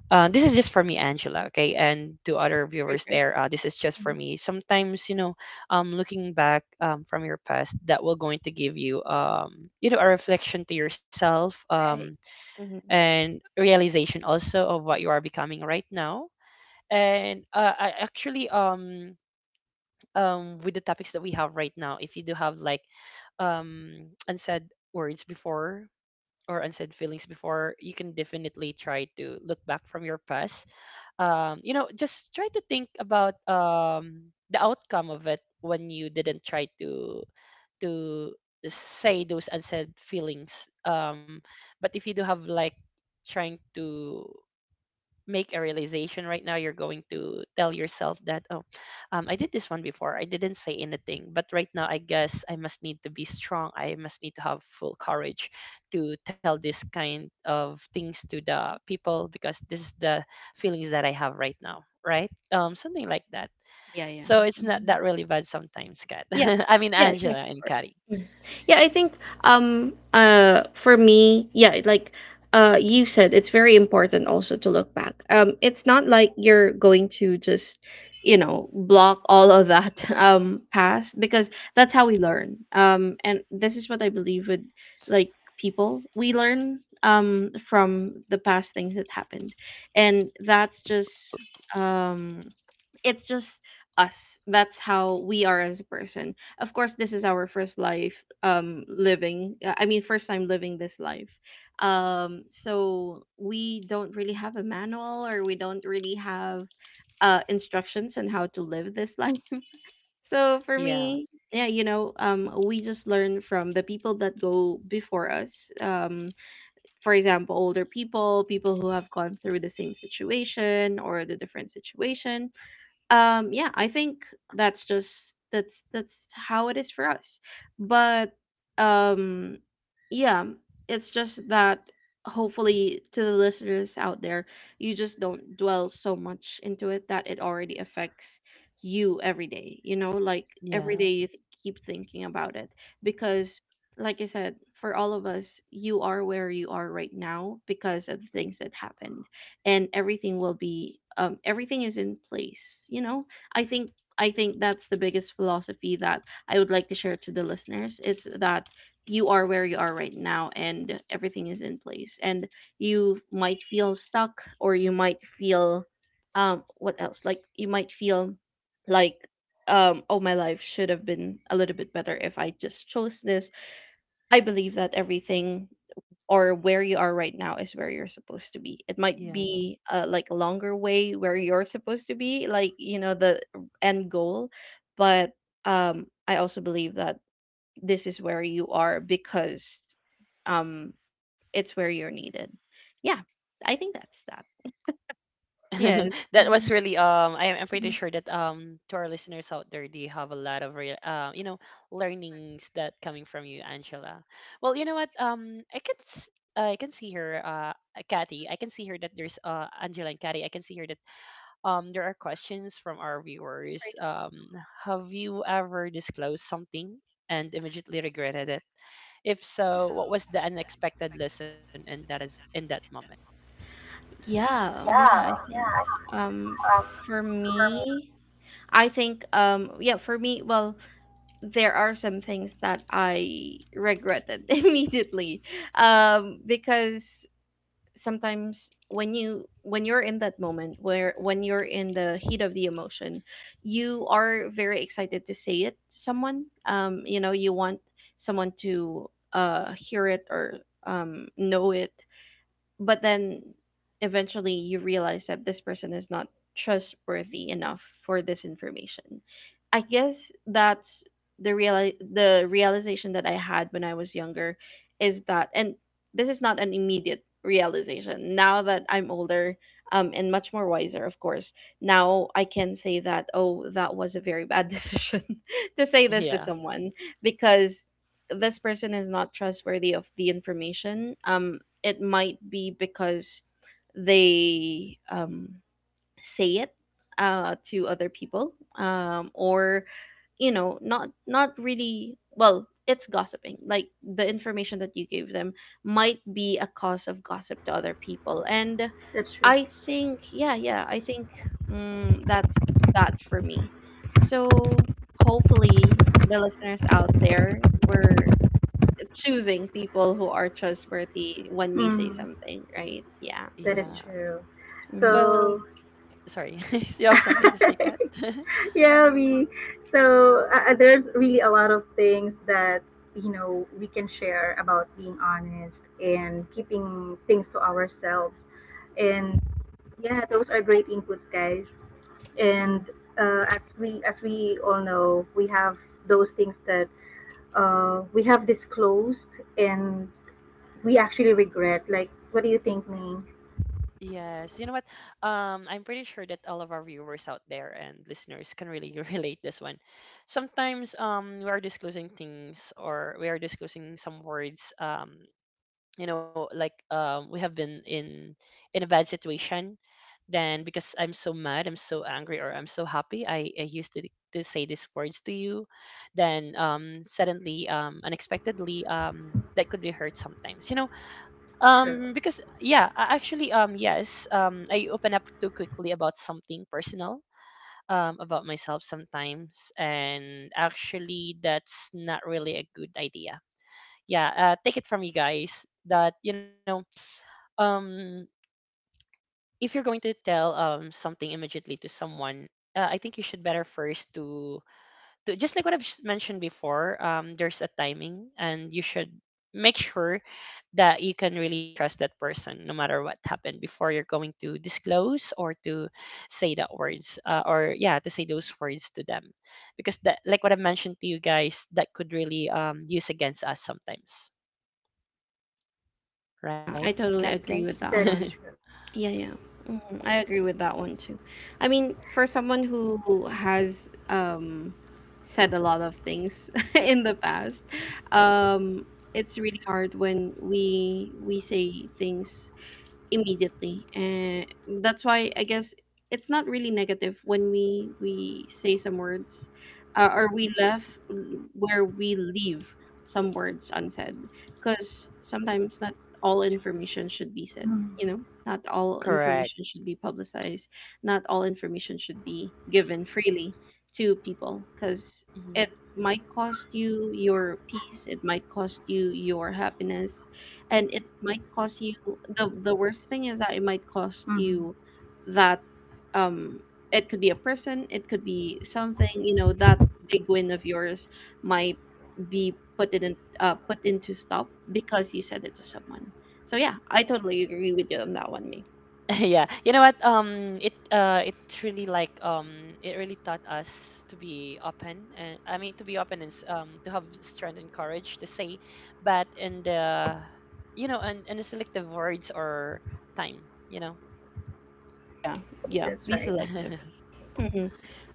Speaker 2: this is just for me, Angela, okay, and to other
Speaker 3: great,
Speaker 2: viewers
Speaker 3: right?
Speaker 2: there, this is just for
Speaker 3: Mhm.
Speaker 2: me sometimes, you know. Looking back, from your past, that will going to give you, you know, a reflection to yourself,
Speaker 3: Right.
Speaker 2: and realization also of what you are becoming right now. And I actually with the topics that we have right now. If you do have like, unsaid words before, or unsaid feelings before, you can definitely try to look back from your past. You know, just try to think about, the outcome of it when you didn't try to to say those unsaid feelings. But if you do have like, trying to make a realization right now, you're going to tell yourself that, oh, I did this one before, I didn't say anything, but right now I guess I must need to be strong, I must need to have full courage to tell this kind of things to the people, because this is the feelings that I have right now, right? Something like that.
Speaker 3: Yeah, yeah.
Speaker 2: So it's not
Speaker 3: Mhm.
Speaker 2: that really bad sometimes, Kat,
Speaker 3: Yeah.
Speaker 2: I mean
Speaker 3: Yeah, yes,
Speaker 2: Angela
Speaker 3: of
Speaker 2: and
Speaker 3: course.
Speaker 2: Kari.
Speaker 3: Mm. Yeah, I think for me, yeah, like you said it's very important also to look back. Um, it's not like you're going to just, you know, block all of that past, because that's how we learn. Um, and this is what I believe with, like, people. We learn from the past, things that happened. And that's just um it's just us. That's how we are as a person. Of course, this is our first life living. Uh, I mean, first time living this life. So we don't really have a manual, or we don't really have instructions on how to live this life. So for
Speaker 2: Yeah,
Speaker 3: me, yeah, you know, we just learn from the people that go before us. Um, for example, older people, people who have gone through the same situation or the different situation. Um, yeah, I think that's just that's how it is for us. But um yeah, it's just that hopefully to the listeners out there, you just don't dwell so much into it that it already affects you every day, you know, like every day
Speaker 2: yeah,
Speaker 3: you keep thinking about it, because like I said, for all of us, you are where you are right now because of the things that happened, and everything will be everything is in place, you know. I think that's the biggest philosophy that I would like to share to the listeners. It's that you are where you are right now and everything is in place, and you might feel stuck or you might feel what else, like you might feel like oh, my life should have been a little bit better if I just chose this. I believe that everything, or where you are right now, is where you're supposed to be. It might
Speaker 2: yeah.
Speaker 3: be a like a longer way where you're supposed to be, like, you know, the end goal, but I also believe that this is where you are because um, it's where you're needed. Yeah, I think that's that. Yes.
Speaker 2: That was
Speaker 3: Mhm.
Speaker 2: really I'm pretty
Speaker 3: Mhm.
Speaker 2: sure that to our listeners out there, they have a lot of real you know, learnings that coming from you, Angela. Well, you know what? I can see here, Kathy, I can see here that there's Angela and Kathy. I can see here that there are questions from our viewers.
Speaker 3: Right.
Speaker 2: Have you ever disclosed something and immediately regretted it? If so, what was the unexpected lesson in that is in that moment?
Speaker 3: Yeah, yeah, I
Speaker 1: yeah,
Speaker 3: think.
Speaker 1: yeah.
Speaker 3: Um,
Speaker 1: Um,
Speaker 3: for me,
Speaker 1: for me.
Speaker 3: I think yeah, for me, well, there are some things that I regretted immediately, because sometimes when you when you're in that moment where when you're in the heat of the emotion, you are very excited to say it to someone. You know, you want someone to hear it or know it, but then eventually you realize that this person is not trustworthy enough for this information. I guess that's the real the realization that I had when I was younger, is that, and this is not an immediate realization. Now that I'm older and much more wiser, of course, now I can say that, oh, that was a very bad decision to say this to
Speaker 2: Yeah,
Speaker 3: someone, because this person is not trustworthy of the information. Um, it might be because they say it to other people, or you know, not really, well, it's gossiping. Like, the information that you gave them might be a cause of gossip to other people. And
Speaker 1: That's true.
Speaker 3: I think, yeah, yeah, I think, mm, that's that, for me. So hopefully the listeners out there were choosing people who are trustworthy when we say
Speaker 1: Mm,
Speaker 3: something, right? Yeah.
Speaker 1: that
Speaker 2: yeah.
Speaker 1: is true.
Speaker 3: Hmm.
Speaker 2: Well,
Speaker 1: So
Speaker 2: sorry, you have something to say, Kat?
Speaker 1: yeah, we, there's really a lot of things that, we can share about being honest and keeping things to ourselves. And yeah, those are great inputs, guys.
Speaker 3: Hmm.
Speaker 1: And as we all know, we have those things that, we have disclosed, and we actually regret. Like, what do you think, Ming?
Speaker 2: Yes, you know what? I'm pretty sure that all of our viewers out there and listeners can really relate this one. Sometimes, we are disclosing things, or we are disclosing some words. You know, like, we have been in a bad situation, then because I'm so mad, I'm so angry, or I'm so happy, I used to, say these words to you, then suddenly, unexpectedly, that could be hurt sometimes, you know,
Speaker 1: True.
Speaker 2: because yeah, actually, yes, I open up too quickly about something personal, about myself sometimes, and actually that's not really a good idea. Yeah, take it from you guys, that you know, um if you're going to tell something immediately to someone, I think you should better first to, just like what mentioned before, there's a timing, and you should make sure that you can really trust that person no matter what happened, before you're going to disclose or to say that words, or yeah, to say those words to them, because that, like what I've mentioned to you guys, that could really use against us sometimes, right,
Speaker 3: I
Speaker 2: Cat
Speaker 3: totally
Speaker 2: guys?
Speaker 3: agree
Speaker 1: That
Speaker 3: with
Speaker 1: is
Speaker 3: that
Speaker 1: true.
Speaker 3: one. Yeah, yeah. Mhm. I agree with that one too. I mean, for someone who has um said a lot of things in the past, um it's really hard when we say things immediately. And that's why, I guess, it's not really negative when we say some words, or we left where we leave
Speaker 1: True.
Speaker 3: some words unsaid, because sometimes not all information should be
Speaker 1: Mm.
Speaker 3: said, you know, not all
Speaker 2: Correct.
Speaker 3: information should be publicized, not all information
Speaker 1: I
Speaker 3: should be
Speaker 1: totally agree.
Speaker 3: given freely to people, because it might cost you your peace, it might cost you your happiness, and it might cost you the worst thing is that it might
Speaker 1: Hmm.
Speaker 3: cost you that, um it could be a person, it could be something, you know, that big win of yours might be put in put into stop because you said it to someone. So yeah, I totally agree with you on that one, me.
Speaker 2: Yeah, you know what? It's really like, it really taught us to be open, and I mean to be open, and to have strength and courage to say, but in the, you know, and the selective words or time, you know.
Speaker 3: Yeah,
Speaker 1: That's right.
Speaker 3: yeah, be selective. Hmm,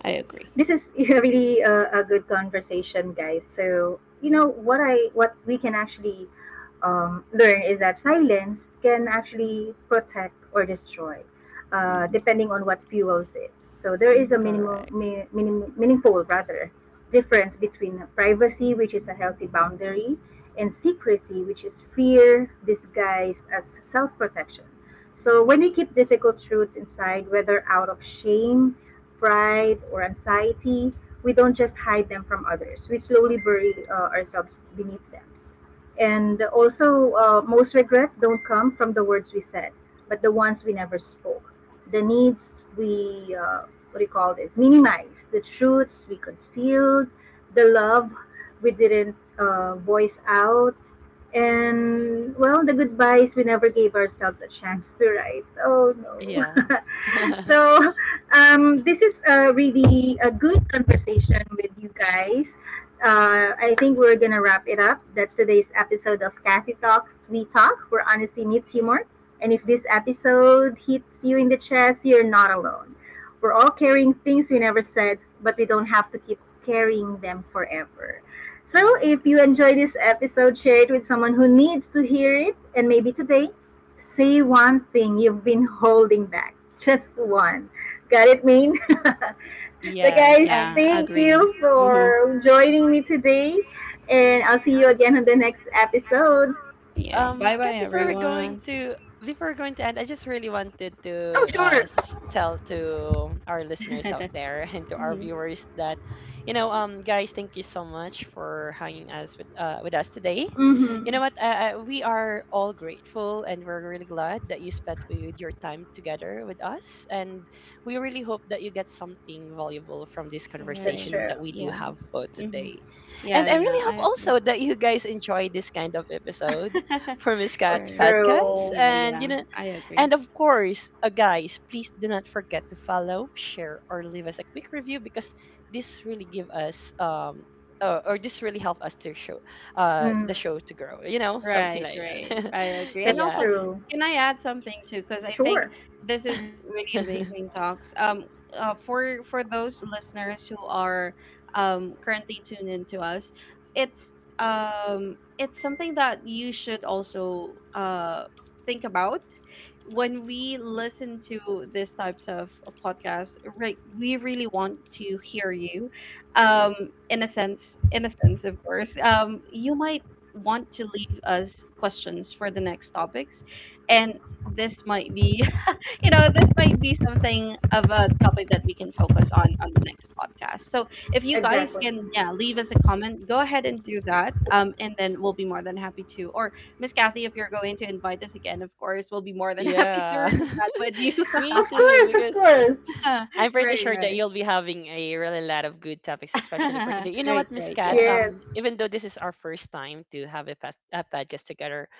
Speaker 3: I
Speaker 1: This
Speaker 3: agree.
Speaker 1: is really a good conversation, guys. So, you know what we can actually learn is that silence can actually protect or destroy,
Speaker 3: Mhm,
Speaker 1: depending on what fuels it. So there is a
Speaker 3: mhm.
Speaker 2: Correct.
Speaker 1: minimum meaningful, rather, difference between privacy, which is a healthy boundary, and secrecy, which is fear disguised as self-protection. So when we keep difficult truths inside, whether out of shame, pride, or anxiety, we don't just hide them from others. We slowly bury, ourselves beneath them. And also, most regrets don't come from the words we said, but the ones we never spoke. The needs we, what do you call this, minimized, the truths we concealed, the love we didn't, voice out, and, well, the goodbyes we never gave ourselves a chance to write. Oh no.
Speaker 2: Yeah.
Speaker 1: So, this is, really a good conversation with you guys. I think we're gonna wrap it up. That's today's episode of Kathy Talks. We talk where honesty meets humor. And if this episode hits you in the chest, you're not alone. We're all carrying things we never said, but we don't have to keep carrying them forever. So if you
Speaker 2: Yes.
Speaker 1: enjoy this episode, share it with someone who needs to hear it. And maybe today, say one thing you've been holding back. Just one. Got it, Maine? So,
Speaker 2: Yes
Speaker 1: guys,
Speaker 2: and
Speaker 3: Yeah, I
Speaker 1: thank
Speaker 3: agree.
Speaker 1: you
Speaker 3: Hmm.
Speaker 1: for joining me today. And I'll see you again on the next episode.
Speaker 3: Yeah,
Speaker 2: um,
Speaker 3: bye bye
Speaker 2: Kat, before we're going
Speaker 3: everyone.
Speaker 2: to end, I just really wanted to tell to our listeners out
Speaker 3: Mhm.
Speaker 2: there and to our viewers that, you know, guys, thank you so much for hanging us with, with us today. You know
Speaker 1: Mm-hmm.
Speaker 2: what? We are all grateful, and we're really glad that you spent with your time together with us, and we really hope that you get something valuable from this
Speaker 3: All
Speaker 1: That's
Speaker 2: conversation
Speaker 3: right,
Speaker 1: true.
Speaker 2: that we do
Speaker 3: yeah.
Speaker 2: have for
Speaker 3: Hmm.
Speaker 2: today. And
Speaker 3: Yeah,
Speaker 2: I
Speaker 3: yeah,
Speaker 2: really
Speaker 3: I
Speaker 2: hope
Speaker 3: agree.
Speaker 2: also that you guys enjoy this kind of episode for
Speaker 1: Oh,
Speaker 2: Miscat
Speaker 3: Right.
Speaker 2: Podcast.
Speaker 1: true.
Speaker 3: Yeah,
Speaker 2: And you
Speaker 3: yeah,
Speaker 2: know,
Speaker 3: I agree.
Speaker 2: and of course, guys, please do not forget to follow, share, or leave us a quick review, because this really give us or this really help us to show
Speaker 1: Mm,
Speaker 2: the show to grow. You know, something
Speaker 3: Right,
Speaker 2: like that.
Speaker 3: right. I agree. And
Speaker 1: that's
Speaker 3: also,
Speaker 2: Yeah.
Speaker 1: true.
Speaker 3: can I add something too? Because I think
Speaker 1: Sure.
Speaker 3: this is really amazing talks. For those listeners who are currently tuned in to us, it's it's something that you should also think about when we listen to these types of podcasts. Right, we really want to hear you. Um, in a sense, in a sense, of course. You might want to leave us questions for the next topics. And this might be, you know, this might be something of a topic that we can focus on the next podcast. So if you guys
Speaker 1: Exactly.
Speaker 3: can, yeah, leave us a comment, go ahead and do that. And then we'll be more than happy to. Or Miss Kathy, if you're going to invite us again, of course, we'll be more than happy to
Speaker 2: Yeah.
Speaker 3: read that with you.
Speaker 2: Me
Speaker 1: Of
Speaker 2: too,
Speaker 1: course, of
Speaker 2: because
Speaker 1: course.
Speaker 2: I'm pretty
Speaker 3: Right,
Speaker 2: sure that
Speaker 3: right.
Speaker 2: you'll be having a really lot of good topics, especially for today. You know
Speaker 3: Right,
Speaker 2: what, Miss
Speaker 3: right.
Speaker 2: Kat?
Speaker 3: Yeah.
Speaker 1: Yes.
Speaker 2: Even though this is our first time to have a, past, a podcast together,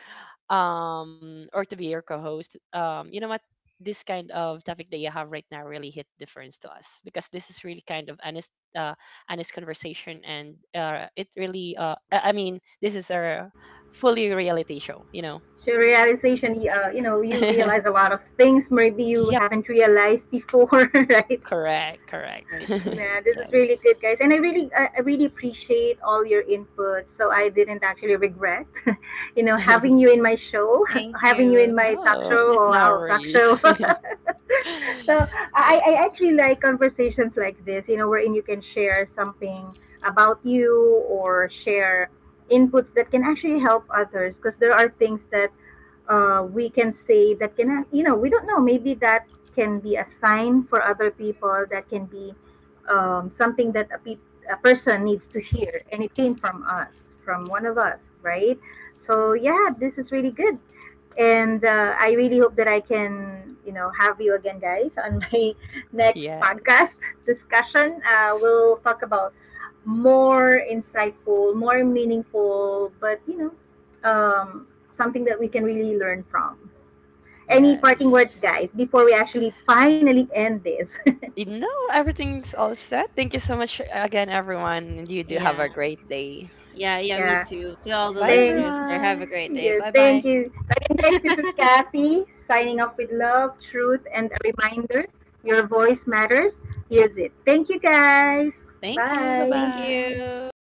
Speaker 2: or to be your co-host, you know what? This kind of topic that you have right now really hit difference to us, because this is really kind of honest, honest conversation, and it really, I mean, this is a fully reality show, you know.
Speaker 1: So, realization, you realize a lot of things, maybe
Speaker 2: Yep,
Speaker 1: you haven't realized before, right?
Speaker 2: correct, correct.
Speaker 3: Right, right.
Speaker 1: Yeah, this is
Speaker 3: Yes.
Speaker 1: really good, guys, and I really appreciate all your input. So I didn't actually regret, having you in my show,
Speaker 3: Thank
Speaker 1: having you
Speaker 3: you.
Speaker 1: in my talk
Speaker 2: Oh,
Speaker 1: show. Oh,
Speaker 2: no
Speaker 1: wow, talk
Speaker 2: worries.
Speaker 1: show. So
Speaker 2: Yeah.
Speaker 1: I actually like conversations like this, wherein you can share something about you, or share inputs that can actually help others, because there are things that, we can say that can, we don't know, maybe that can be a sign for other people, that can be something that a person needs to hear, and it came from one of us, right? So yeah, this is really good. And, I really hope that I can, have you again, guys, on my next
Speaker 2: Yes.
Speaker 1: podcast discussion. We'll talk about more insightful, more meaningful, but, something that we can really learn from. Any
Speaker 2: Yes.
Speaker 1: parting words, guys, before we actually finally end this?
Speaker 2: You know, everything's all set. Thank you so much again, everyone. And you do have
Speaker 3: Yeah.
Speaker 2: a great day.
Speaker 3: Yeah, yeah, me
Speaker 1: Yeah.
Speaker 3: too. To all the
Speaker 2: Bye,
Speaker 1: thank
Speaker 3: listeners there, have a
Speaker 2: everyone.
Speaker 3: great day.
Speaker 1: Yes,
Speaker 3: Bye
Speaker 1: thank
Speaker 3: bye.
Speaker 1: you. So again, guys, this is Kathy signing off with love, truth, and a reminder, your voice matters. Use it. Thank you, guys.
Speaker 2: Thank you. Bye
Speaker 3: Thank
Speaker 1: Bye.
Speaker 2: bye.
Speaker 3: you.